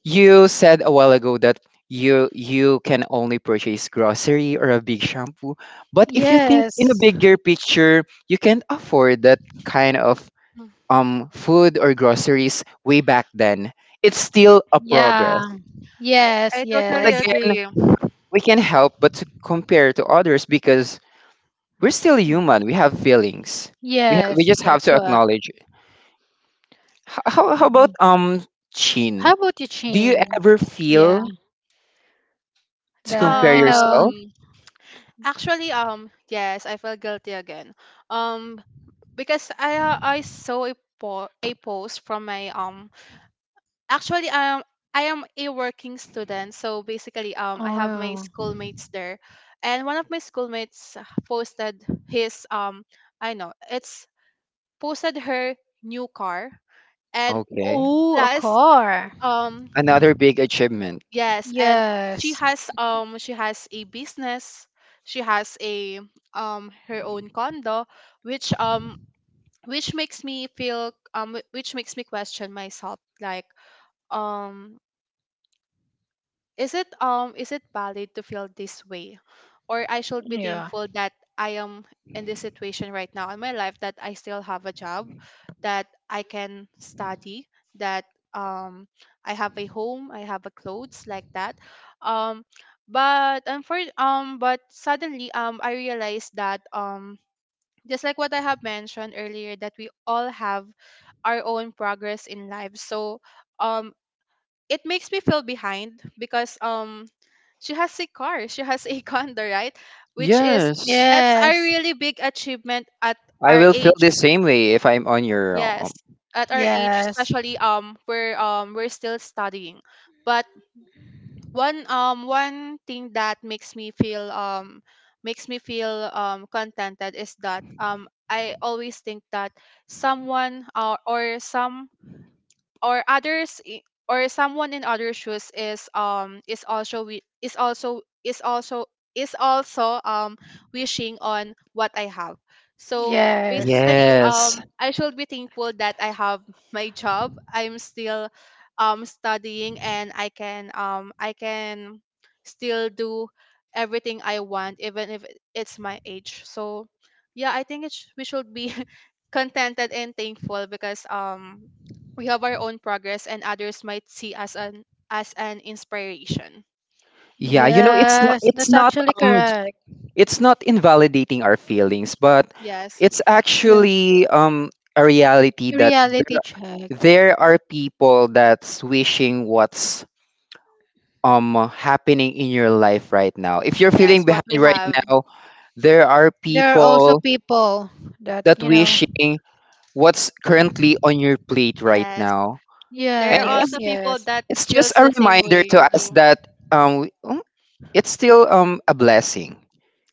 A: you said a while ago that you can only purchase grocery or a big shampoo. But if you think in a
C: Yes.
A: bigger picture, you can afford that kind of
B: Mm,
A: food or groceries way back then. It's still a progress.
C: Yeah.
B: I, yeah.
C: Yes.
B: I
A: But
B: totally
C: Yes.
A: again,
B: agree.
A: we can help but to compare to others, because we're still human. We have feelings. We
C: Yes.
A: just have
C: That's
A: to
C: what.
A: acknowledge it. How about
C: Mhm. How
A: Chin?
C: about you,
A: Do you
C: Chin?
A: ever
C: Yeah.
A: feel to
C: The
A: compare
C: you know.
A: yourself?
B: Um, actually, yes, I felt guilty again. Um, because I saw a po a post from my. Actually, I am a working student, so basically, I have my
C: Oh.
B: schoolmates there, and one of my schoolmates posted his. I know it's, posted her new car and
A: Okay,
C: Oh, a
B: plus
C: car.
B: um
A: another big achievement.
B: yes, and
C: Yes.
B: she has a business, she has a her own condo, which makes me feel wh- which makes me question myself like, um is it valid to feel this way? Or I should be
C: Yeah.
B: thankful that I am in this situation right now in my life, that I still have a job, that I can study, that um I have a home, I have a clothes like that. Um but suddenly I realized that just like what I have mentioned earlier, that we all have our own progress in life. So um it makes me feel behind because she has a car, she has a condo, right? Which is,
A: Yes,
B: that's a
C: Yes.
B: really big achievement at
A: I
B: our
A: will feel the
B: age.
A: same way if I'm on your,
B: Yes, at our
A: sh-
B: age,
C: Yes.
B: especially we're still studying. But one thing that makes me feel contented is that I always think that someone or some or others I- or someone in other shoes is also wi- is also is also is also wishing on what I have. So
C: Yes.
B: basically
A: Yes.
B: I should be thankful that I have my job. I'm still studying and I can still do everything I want, even if it's my age. So yeah, I think it's, we should be contented and thankful because we have our own progress and others might see us an as an inspiration.
A: Yeah, it's not
C: Yes.
A: it's
C: That's
A: not
C: actually
A: um j-
C: correct.
A: it's not invalidating our feelings, but
B: Yes.
A: it's
C: Yeah.
A: actually a reality that
C: Reality check.
A: there are people that's wishing what's happening in your life right now. If you're
B: Yes,
A: feeling
B: what
A: behind
B: we
A: right
B: have.
A: now, there are
C: There are also
A: people
C: people that,
A: that wishing what's currently on your plate right
B: Yes.
A: now. And
B: There are
A: yeah,
C: yes,
B: also people
C: yes,
B: that
A: it's just
B: feels
A: a
B: the same
A: reminder
B: way you
A: to us
B: do.
A: that it's still a blessing.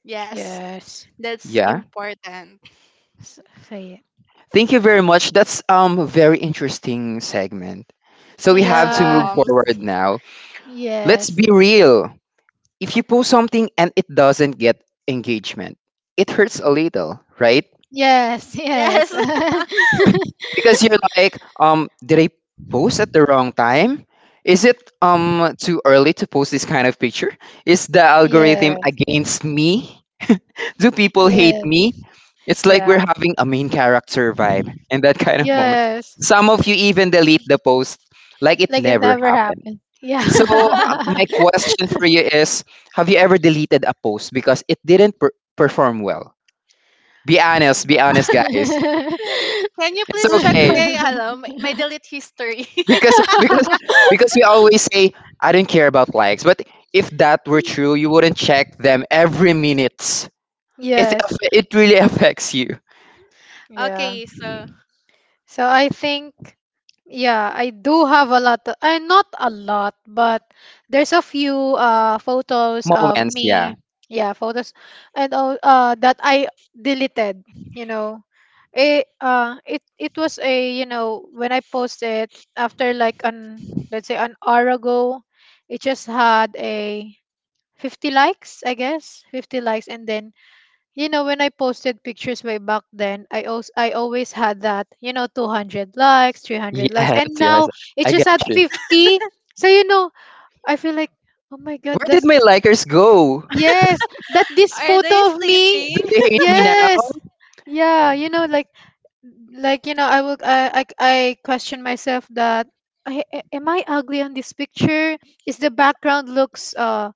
B: Yes.
C: yes.
B: That's
A: Yeah.
B: important.
C: S- Say it.
A: Thank you very much. That's a very interesting segment. So we
B: Thanks,
A: have to move
C: Yeah.
B: Joms.
A: forward now. Let's
C: Yes.
A: be real. If you post something and it doesn't get engagement, it hurts a little, right?
C: Yes.
B: Yes.
C: Yes.
A: Because you're like, did I post at the wrong time? Is it too early to post this kind of picture? Is the algorithm
C: Yes.
A: against me? Do people hate
C: Yes.
A: me? It's like
C: Yeah.
A: we're having a main character vibe in that kind of moment.
C: Yes.
A: Some of you even delete the post like it
C: Like it
A: never
C: never
A: happened.
C: happened. Yeah.
A: So my question for you is, have you ever deleted a post because it didn't perform well? Be honest, guys.
B: Can you
A: It's
B: please check
A: okay,
B: my my delete history?
A: because we always say I don't care about likes, but if that were true, you wouldn't check them every minute. It
C: Yes.
A: aff- it really affects you.
C: Yeah.
B: Okay, so,
C: So I think, yeah, I do have a lot of, not a lot, but there's a few photos of
A: Moments, yeah.
C: me. Yeah, photos and all that I deleted, you know. It was a, when I posted after like an, let's say, an hour ago, it just had a 50 likes, I guess. 50 likes. And then, when I posted pictures way back then, I always had that, 200 likes, 300 likes,
A: Yes,
C: and
A: yes.
C: now it's
A: I get
C: just at
A: you.
C: 50. So, I feel like, oh my God,
A: Where did
C: that's...
A: my likers go?
C: Yes. That, this
B: are they
C: photo of me.
A: Do
B: sleeping?
A: they hate me now?
C: Yes. Yeah, like, I question myself that, am I ugly on this picture? Is the background looks,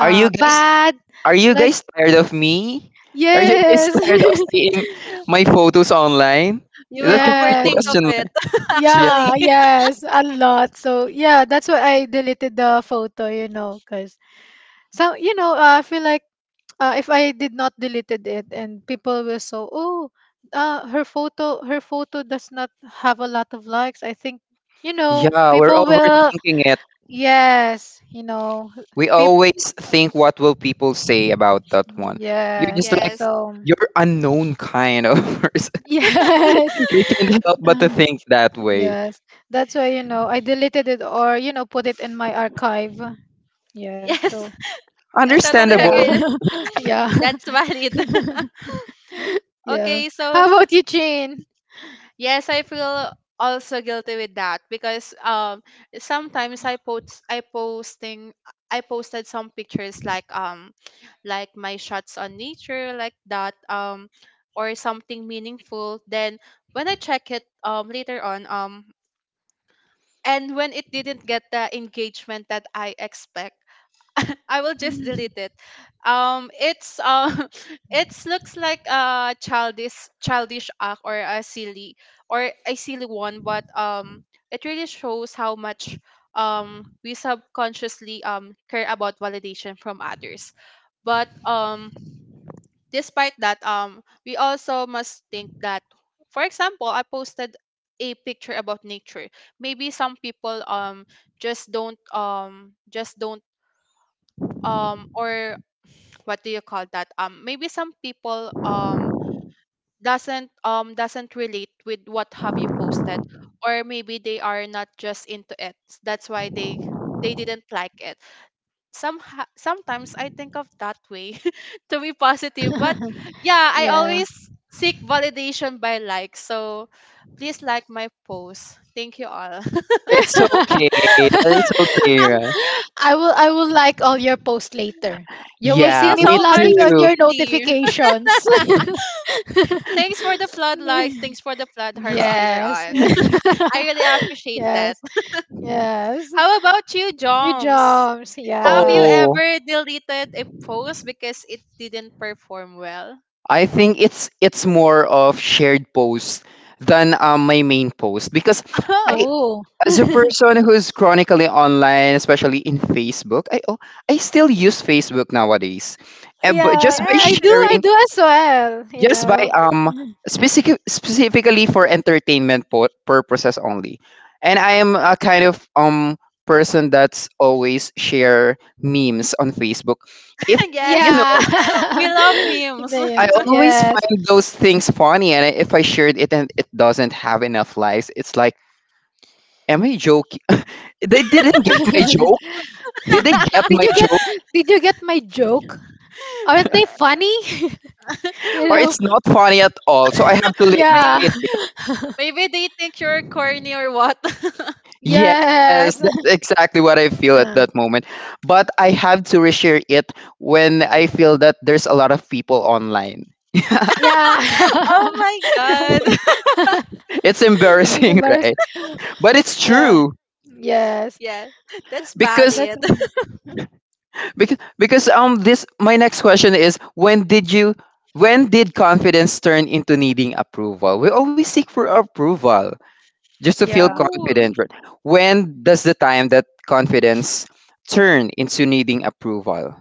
A: Are you guys
C: bad?
A: Are you
C: Like,
A: guys tired of me? Are you guys
C: yes.
A: tired of seeing my photos online?
B: You will
A: That kind of
C: Yes.
B: overthink of
A: question.
B: it,
A: Yeah.
B: actually.
C: Yeah, yes, a lot. So yeah, that's why I deleted the photo, you know, because some, I feel like, if I did not deleted it, and people will so, oh, her photo does not have a lot of likes. I think,
A: Yeah, we're
C: people will,
A: overthinking it.
C: yes,
A: We
C: people,
A: always think what will people say about that one. You're just
C: yes.
A: like,
B: Yes.
C: So,
A: you're unknown kind of person.
C: yes.
A: We can't help but to think that way.
C: Yes, that's why, I deleted it or, put it in my archive. Yeah.
B: Yes.
C: So
B: I totally
C: yeah,
A: Understandable.
B: agree.
C: yeah,
B: That's valid.
C: yeah.
B: Okay, so
C: How about you, Jane?
B: yes, I feel also guilty with that because sometimes I posted some pictures like my shots on nature like that, or something meaningful. Then when I check it later on, and when it didn't get the engagement that I expect, I will just delete it. It's it looks like a childish act or a silly one, but it really shows how much we subconsciously care about validation from others. But despite that, we also must think that, for example, I posted a picture about nature. Maybe some people just don't or what do you call that, maybe some people doesn't relate with what have you posted, or maybe they are not just into it, that's why they didn't like it. some Sometimes I think of that way to be positive, but yeah, I
C: Yeah.
B: always seek validation by likes. So please like my post, thank you all.
A: It's okay. It's okay, right?
C: I will. I will like all your posts later. You will
B: Thank
C: see
A: Yeah,
B: you
C: me
A: me
B: so much,
C: flooding on
A: too.
C: your
B: Cindy.
C: notifications.
B: Thanks for the flood likes, thanks for the flood hearts later
C: Yes.
B: on. I really appreciate that.
C: Yes. Yes.
B: How about you,
C: You
B: Joms?
C: jobs.
B: Have you
C: Yeah.
A: Oh,
B: ever deleted a post because it didn't perform well?
A: I think it's more of shared posts than my main post, because
B: Oh,
A: I
C: Oh.
A: as a person who's chronically online, especially in Facebook, I still use Facebook nowadays. But
C: Yeah.
A: just by
C: I
B: yes, I
C: do.
B: do.
C: I
A: sharing,
C: do as well. You
A: just by
C: know.
A: specifically for entertainment purposes only. And I am a kind of person that's always share memes on Facebook. If
B: Yes,
A: you
C: Yeah.
B: we love memes.
A: I
C: Names.
A: always
C: Yes.
A: find those things funny, and if I shared it and it doesn't have enough likes, it's like, am I joking? They didn't get my
C: did
A: joke. Did they get my
C: you get
A: joke?
C: did you get my joke? Aren't they funny? You
A: Or
C: know?
A: it's not funny at all, so I have to
C: Yeah.
B: Maybe,
A: delete it.
B: they think you're corny or what.
A: Yes,
C: Yes.
A: that's exactly what I feel at
C: Uh,
A: that moment. But I have to reshare it when I feel that there's a lot of people online.
C: yeah.
B: Oh my god.
A: It's
C: It's
A: embarrassing,
C: embarrassing.
A: right? But it's
C: Yeah.
A: true,
C: Yes.
B: Yeah, that's
A: because.
C: That's,
B: valid.
A: This, my next question is, when did confidence turn into needing approval? We always seek for approval just to feel
C: yeah.
A: confident,
B: Cool.
A: right? When does the time that confidence turn into needing approval?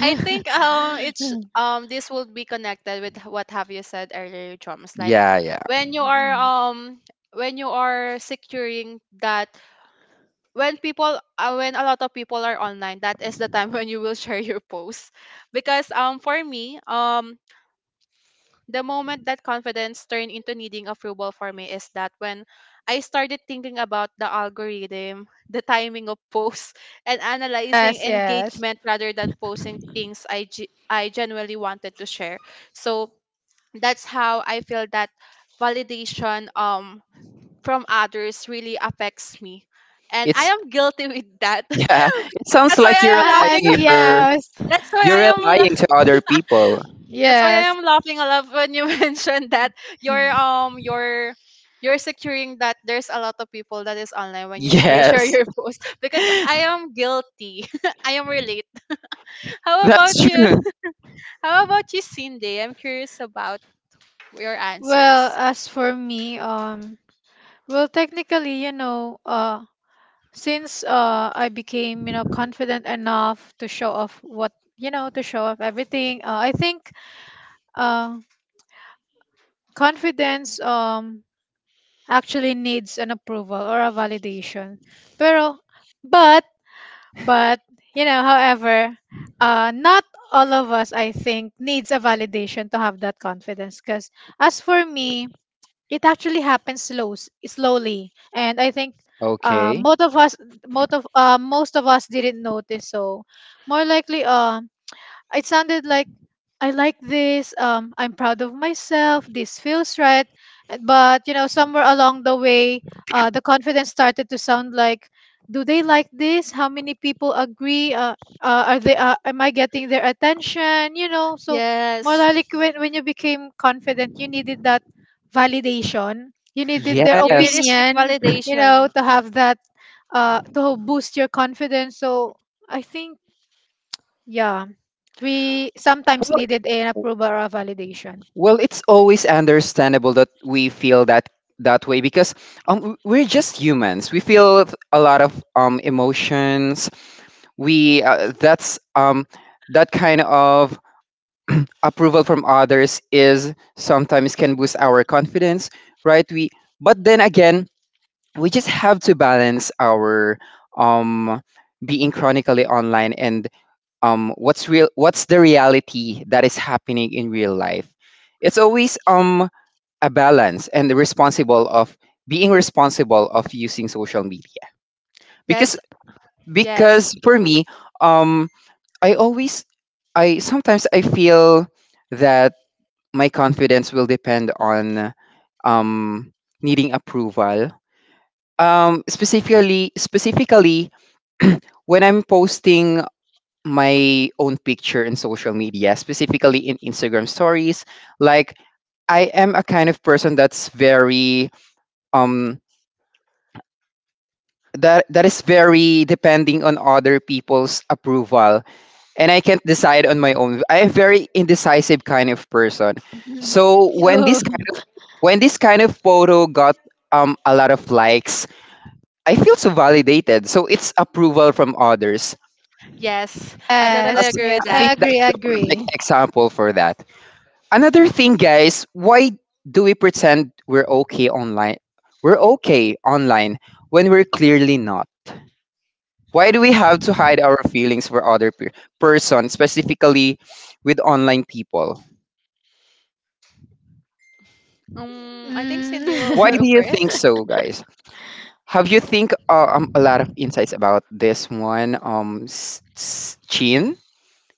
B: I think it's this will be connected with what have you said earlier, Joms. Like
A: Yeah.
B: when you are um when you are securing that, when people when a lot of people are online, that is the time when you will share your post. Because for me the moment that confidence turned into needing approval for me is that when I started thinking about the algorithm, the timing of posts, and analyzing
C: Yes, yes.
B: engagement rather than posting things I genuinely wanted to share. So that's how I feel that validation, from others really affects me. And I
A: It's
B: am guilty with that.
A: yeah. It sounds
B: That's why
A: like
B: I am laughing. that's why I
A: you're
B: am la-
A: relying to other people.
B: that's why
C: Yes,
B: I
C: yes.
B: am laughing a lot when you mentioned that you're
C: Yes.
B: um you're you're securing that there's a lot of people that is online when you share, share
A: Yes,
B: your post, because I am guilty. I am relate. How
A: that's
B: about you?
A: true.
B: How about you, Cindy? I'm curious about your answers.
C: Well, as for me, well, technically, since, I became, confident enough to show off what, to show off everything, I think, uh, confidence, actually needs an approval or a validation. Pero, but, but, however, not all of us, I think, needs a validation to have that confidence. Because, as for me, it actually happens slow, slowly. And I think, uh,
A: Okay.
C: most of us most of us didn't notice. So more likely, it sounded like, I like this. I'm proud of myself. This feels right. But, somewhere along the way, the confidence started to sound like, "Do they like this? How many people agree? Are they? Am I getting their attention? You know." So more
B: Yes.
C: like when you became confident, you needed that validation. You needed their
B: You really
A: Yes.
B: seek
C: opinion.
B: validation.
C: To have that, to boost your confidence. So I think, yeah. We sometimes
A: Well,
C: needed an approval or a validation.
A: Well, it's always understandable that we feel that way because we're just humans. We feel a lot of emotions. We that kind of approval from others is sometimes can boost our confidence, right? We But then again, we just have to balance our um, being chronically online and what's real, what's the reality that is happening in real life. It's always a balance and responsible of being responsible of using social media
B: That's
A: because
B: yes.
A: for me um I always I sometimes I feel that my confidence will depend on um needing approval um, specifically, when I'm posting my own picture in social media, specifically in Instagram stories. Like, I am a kind of person that's very um that is very depending on other people's approval, and I can't decide on my own. I'm a very indecisive kind of person.
C: Mhm.
A: So when
C: Oh,
A: this kind of photo got a lot of likes, I feel so validated, so it's approval from others.
B: Yes. I
C: yes,
B: totally
A: that's
B: agree
C: yes.
B: with
A: i
B: that.
A: think
C: I agree,
A: that's the perfect
C: agree.
A: example for that. Another thing, guys, why do we pretend we're okay online, we're okay online when we're clearly not? Why do we have to hide our feelings for other person, specifically with online people?
B: I think Cindy will
A: Why
C: Mm.
B: go
A: do you think
B: first.
A: so, guys? Have you think a lot of insights about this one, Chin?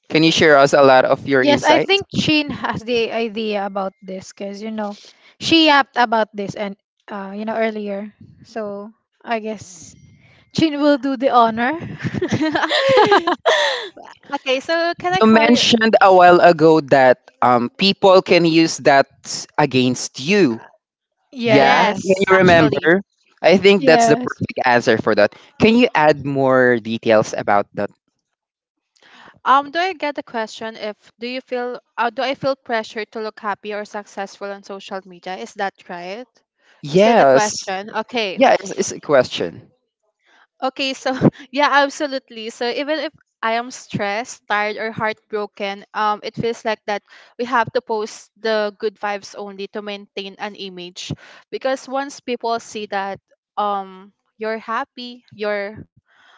A: Can you share us a lot of your
C: Yes, I
A: insights?
C: think Chin has the idea about this because, she yapped about this, and, earlier. So I guess Chin will do the honor.
B: Okay, so can I
A: You
B: clarify?
A: mentioned a while ago that people can use that against you. Yeah, can
B: Yes,
C: Yes.
A: you
B: actually.
A: remember? I think that's the
C: Yes.
A: perfect answer for that. Can you add more details about that?
B: Do I get the question, if do you feel do I feel pressure to look happy or successful on social media? Is that right? Is that the
A: Yes.
B: question? Okay.
A: Yeah, it's a question.
B: Okay, so yeah, absolutely. So even if I am stressed, tired, or heartbroken, it feels like that we have to post the good vibes only to maintain an image. Because once people see that um you're happy, you're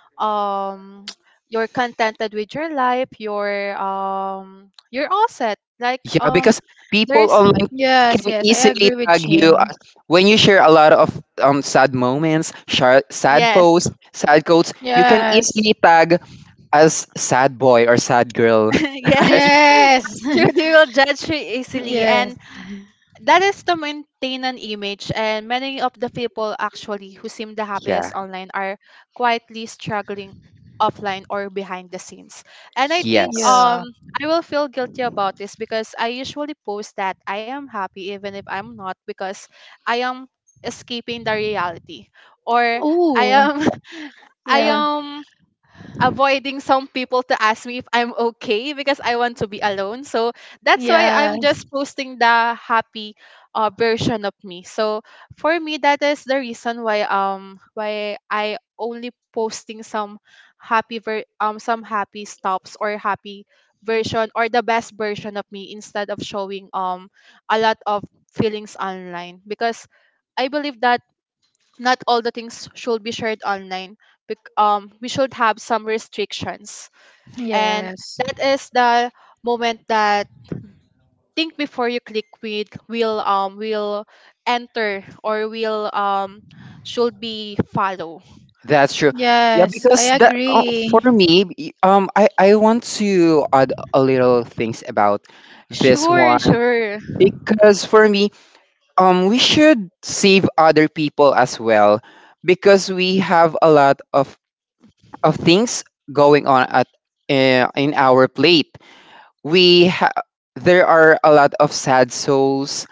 B: um you're contented with your life, you're all set, like
A: Yeah, because people
B: there's
A: online can
C: Yes, yes. I
A: easily
C: agree with
A: tag you
C: Chin.
A: as when you share a lot of sad moments, shar sad
B: yes.
A: posts, sad quotes. You can
C: Yes.
A: easily tag as sad boy or sad girl.
B: Yes,
A: Right?
C: Yes.
B: truly will judge you easily.
C: Yes.
B: And that is to maintain an image, and many of the people actually who seem the happiest
A: Yeah.
B: online are quietly struggling offline or behind the scenes. And I think
A: Yes.
C: Yeah.
B: I will feel guilty about this because I usually post that I am happy even if I'm not, because I am escaping the reality, or I
C: Ooh.
B: am I
C: Yeah.
B: am avoiding some people to ask me if I'm okay because I want to be alone. So that's why I'm
C: Yes.
B: just posting the happy version of me. So for me, that is the reason why I only posting some some happy stops or happy version or the best version of me, instead of showing a lot of feelings online, because I believe that not all the things should be shared online. We should have some restrictions, and
C: Yes.
B: that is the moment that, think before you click, with will enter or will should be follow.
A: That's true. Yeah,
C: Yes,
A: because
C: I
A: that for
C: agree.
A: me, I want to add a little things about this
B: Sure,
A: one
B: sure.
A: because for me we should save other people as well because we have a lot of things going on at in our plate. we ha- there are a lot of sad souls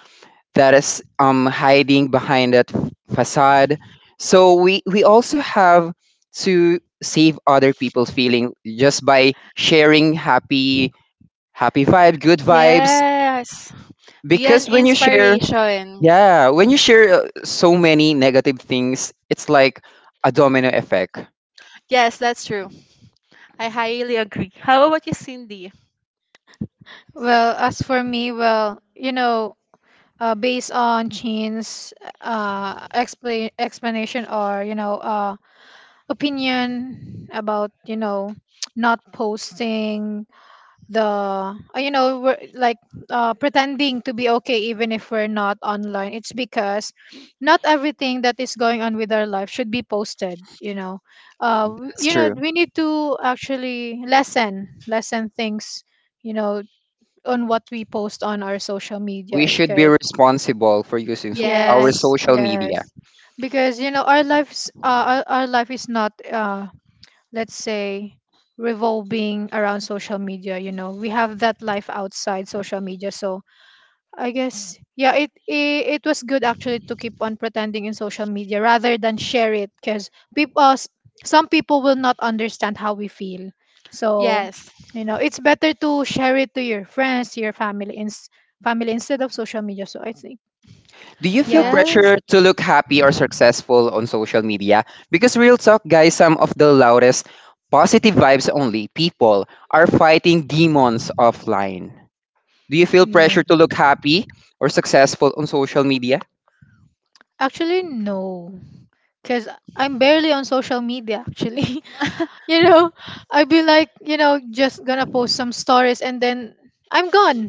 A: that is hiding behind that facade. So we also have to save other people's feeling just by sharing happy happy vibe, good vibes,
B: Yes. Be an
A: because when you share
B: inspiration.
A: So many negative things, it's like a domino effect.
B: Yes, that's true. I highly agree. How about you, Cindy?
C: Well, as for me, well, based on Chin's, explanation, or, opinion about, not posting the, we're like, pretending to be okay even if we're not online. It's because not everything that is going on with our life should be posted.
A: It's true.
C: We need to actually lessen things, you know on what we post on our social media,
A: We should be
C: because
A: responsible for using our
B: Yes.
C: yes,
A: social media.
C: yes, because, our life is not, let's say, revolving around social media. We have that life outside social media. So I guess, yeah, it was good, actually, to keep on pretending in social media rather than share it, because, people uh, s- some people will not understand how we feel. So,
B: Yes.
C: it's better to share it to your friends, to your family, in family, instead of social media. So I think,
A: Do you feel
C: yeah,
B: Yes.
A: pressure to look happy or successful on social media? Because real talk, guys, some of the loudest positive vibes only people are fighting demons offline. Do you feel
C: yeah.
A: pressure to look happy or successful on social media?
C: Actually, no. Because I'm barely on social media, actually. you know I'd be like, just gonna post some stories, and then I'm gone.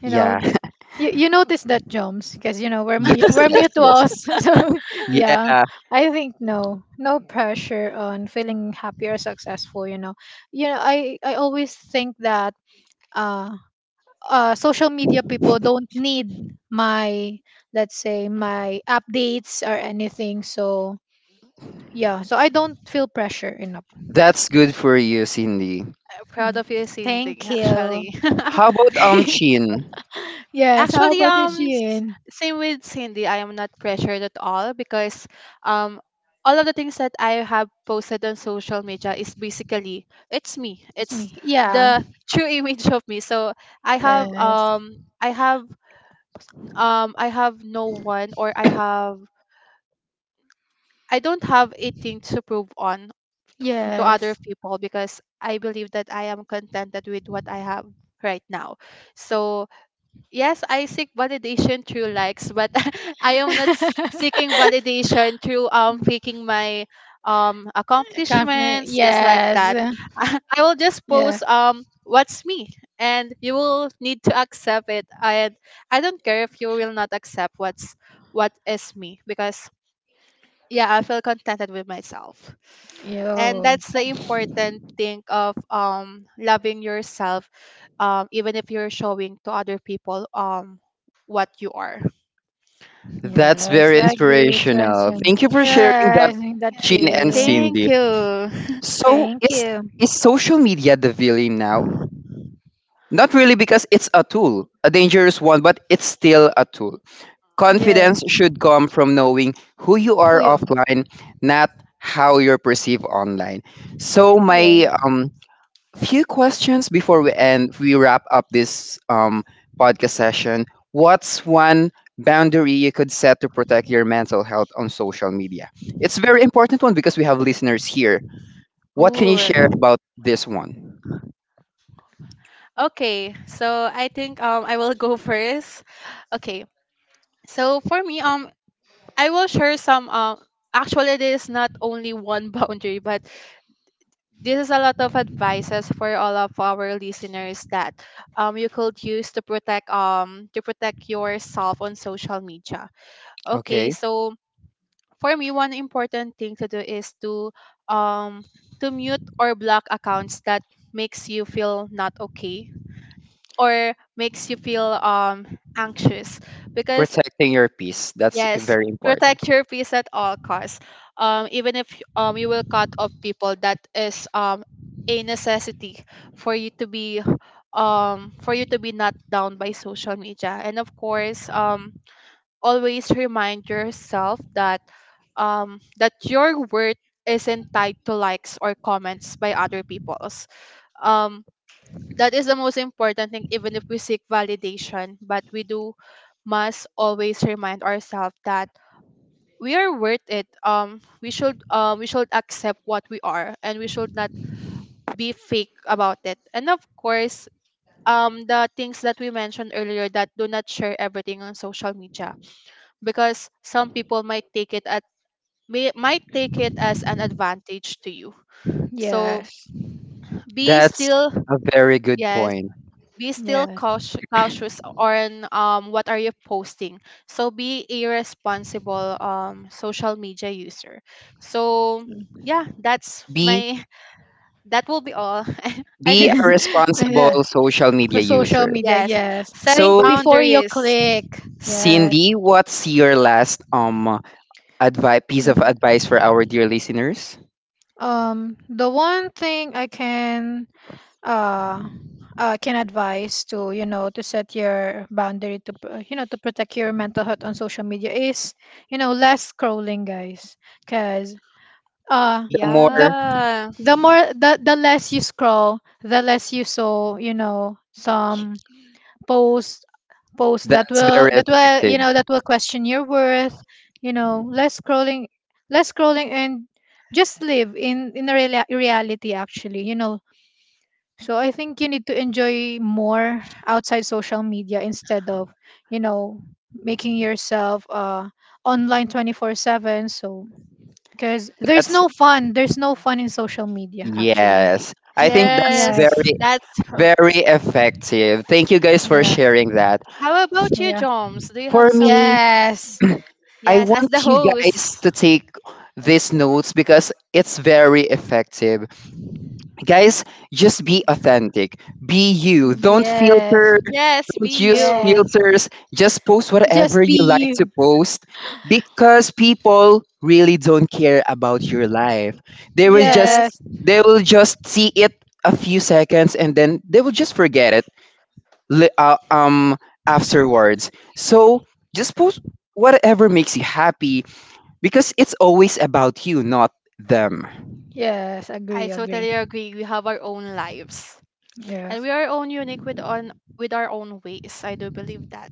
C: you know
A: Yeah.
C: th- you notice that, Joms, because, we're mu-
A: yes,
C: we're
A: yes, yes.
C: mutuals. So yeah,
A: Yeah,
C: I think no, no pressure on feeling happy or successful, you know I always think that, uh social media people don't need my,
B: Uh,
C: let's say, my updates or anything. So yeah, so I don't feel pressure enough.
A: that's good for you, Cindy.
B: proud
C: Mhm.
B: of you, Cindy,
C: Thank you.
B: actually.
A: How about Chin?
C: Yes. How
B: Actually,
C: about you, Jean?
B: same with Cindy, I am not pressured at all, because um, all of the things that I have posted on social media is basically, it's me.
C: It's
B: It's
C: me. Yeah.
B: the true image of me. So I have,
C: Yes.
B: I have no one, or I don't have a thing to prove to other
C: Yes.
B: people, because I believe that I am contented with what I have right now. So, yes, I seek validation through likes, but I am not seeking validation through faking my
C: Compliment.
B: accomplishments just like
C: Yes.
B: that. I will just
C: Yeah.
B: post what's me, and you will need to accept it. And I don't care if you will not accept what's what is me, because yeah, I feel contented with myself. And
C: Yo.
B: that's the important thing of loving yourself, even if you're showing to other people what you are.
A: That's
C: Yes.
A: very
C: I agree with
A: inspirational.
C: Russian.
A: Thank you for sharing that,
C: Yes. In that
A: Chin
B: Yay.
A: and
C: Jean.
B: Thank
A: Cindy.
B: you.
A: So
C: Thank you.
A: is social media the villain now? Not really, because it's a tool, a dangerous one, but it's still a tool.
C: Yeah.
A: Confidence should come from knowing who you are
C: Who you are?
A: offline, not how you're perceived online. So
C: Yeah.
A: my few questions before we end, we wrap up this podcast session. What's one boundary you could set to protect your mental health on social media? It's a very important one because we have listeners here. What can you share
B: Ooh.
A: about this one?
B: Okay, so I think I will go first. Okay. So for me I will share some actually there is not only one boundary, but this is a lot of advices for all of our listeners, that you could use to protect yourself on social media. Okay,
A: Okay,
B: so for me, one important thing to do is um to mute or block accounts that makes you feel not okay, or makes you feel anxious, because
A: protecting your peace, that's
B: yes,
A: very important.
B: protect your peace at all costs. Even if you will cut off people, that is a necessity for you to be for you to be not down by social media. And of course, always remind yourself that that your worth isn't tied to likes or comments by other people's. Um that is the most important thing, even if we seek validation, but we do must always remind ourselves that we are worth it. We should we should accept what we are, and we should not be fake about it. And of course, the things that we mentioned earlier, that do not share everything on social media, because some people might take it at, might take it as an advantage to you. So
C: Yes.
B: be
A: That's
B: still,
A: a very good
B: yes,
A: point.
B: be still
C: Yes.
B: cautious, cautious on what are you posting. So be a responsible social media user. So yeah, that's
A: be
B: my that will be all. I
A: be
B: think
A: a responsible
C: Yeah.
A: social media
C: For social
A: user.
C: media,
B: yes,
C: yes.
B: set
C: Think
A: So
C: before you
B: boundaries.
C: click. Yes.
A: Cindy, what's your last advice, piece of
C: Okay.
A: advice for our dear listeners?
C: The one thing I can, uh, can advise to, to set your boundary to, to protect your mental health on social media is, less scrolling, guys, because, uh
A: The
C: the
A: more,
B: Yeah,
C: the less you scroll, the less you saw, some posts posts that
A: that's
C: will,
A: very effective.
C: that will question your worth. Less scrolling, and just live, in a, reality, actually, so I think you need to enjoy more outside social media instead of, you know making yourself, online 24/7. So, because there's
A: That's,
C: no fun. There's no fun in social media, actually.
A: yes. I think that's
C: Yes.
B: yes,
A: very,
B: that's r-
A: very effective. Thank you guys for
C: Yeah.
A: sharing that.
B: how
A: F-
B: about you,
C: Yeah.
B: Joms? Do you have
A: For
B: some,
A: me,
C: Yes.
A: I
B: yes, as
A: want
B: the
A: you guys
B: host,
A: to take these notes because it's very effective. Guys, just be authentic. Be you. Don't
C: Yeah.
A: filter.
B: yes,
A: Don't
B: be
A: use
B: you,
C: Yes.
A: filters. Just post whatever
C: Just be
A: you like to
C: you.
A: post because people really don't care about your life. They will just
B: yes.
C: Yes.
A: see it a few seconds and then they will just forget it li- uh, um afterwards. So just post whatever makes you happy because it's always about you, not them.
C: Yes.
B: I
C: Agree. Agree.
B: totally agree. We have our own lives, and
C: Yes.
B: we are own unique with on with our own ways. I do believe that.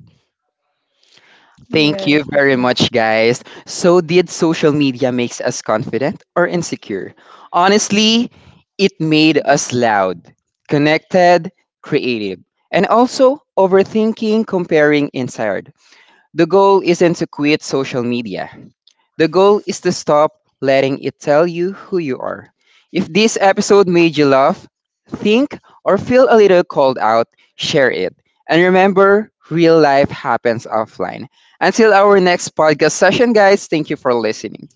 A: Thank you
C: Yes.
A: very much, guys. So, did social media makes us confident or insecure? Honestly, it made us loud, connected, creative, and also overthinking, comparing, inspired. The goal isn't to quit social media. The goal is to stop letting it tell you who you are. If this episode made you laugh, think, or feel a little called out, share it. And remember, real life happens offline. Until our next podcast session, guys, thank you for listening.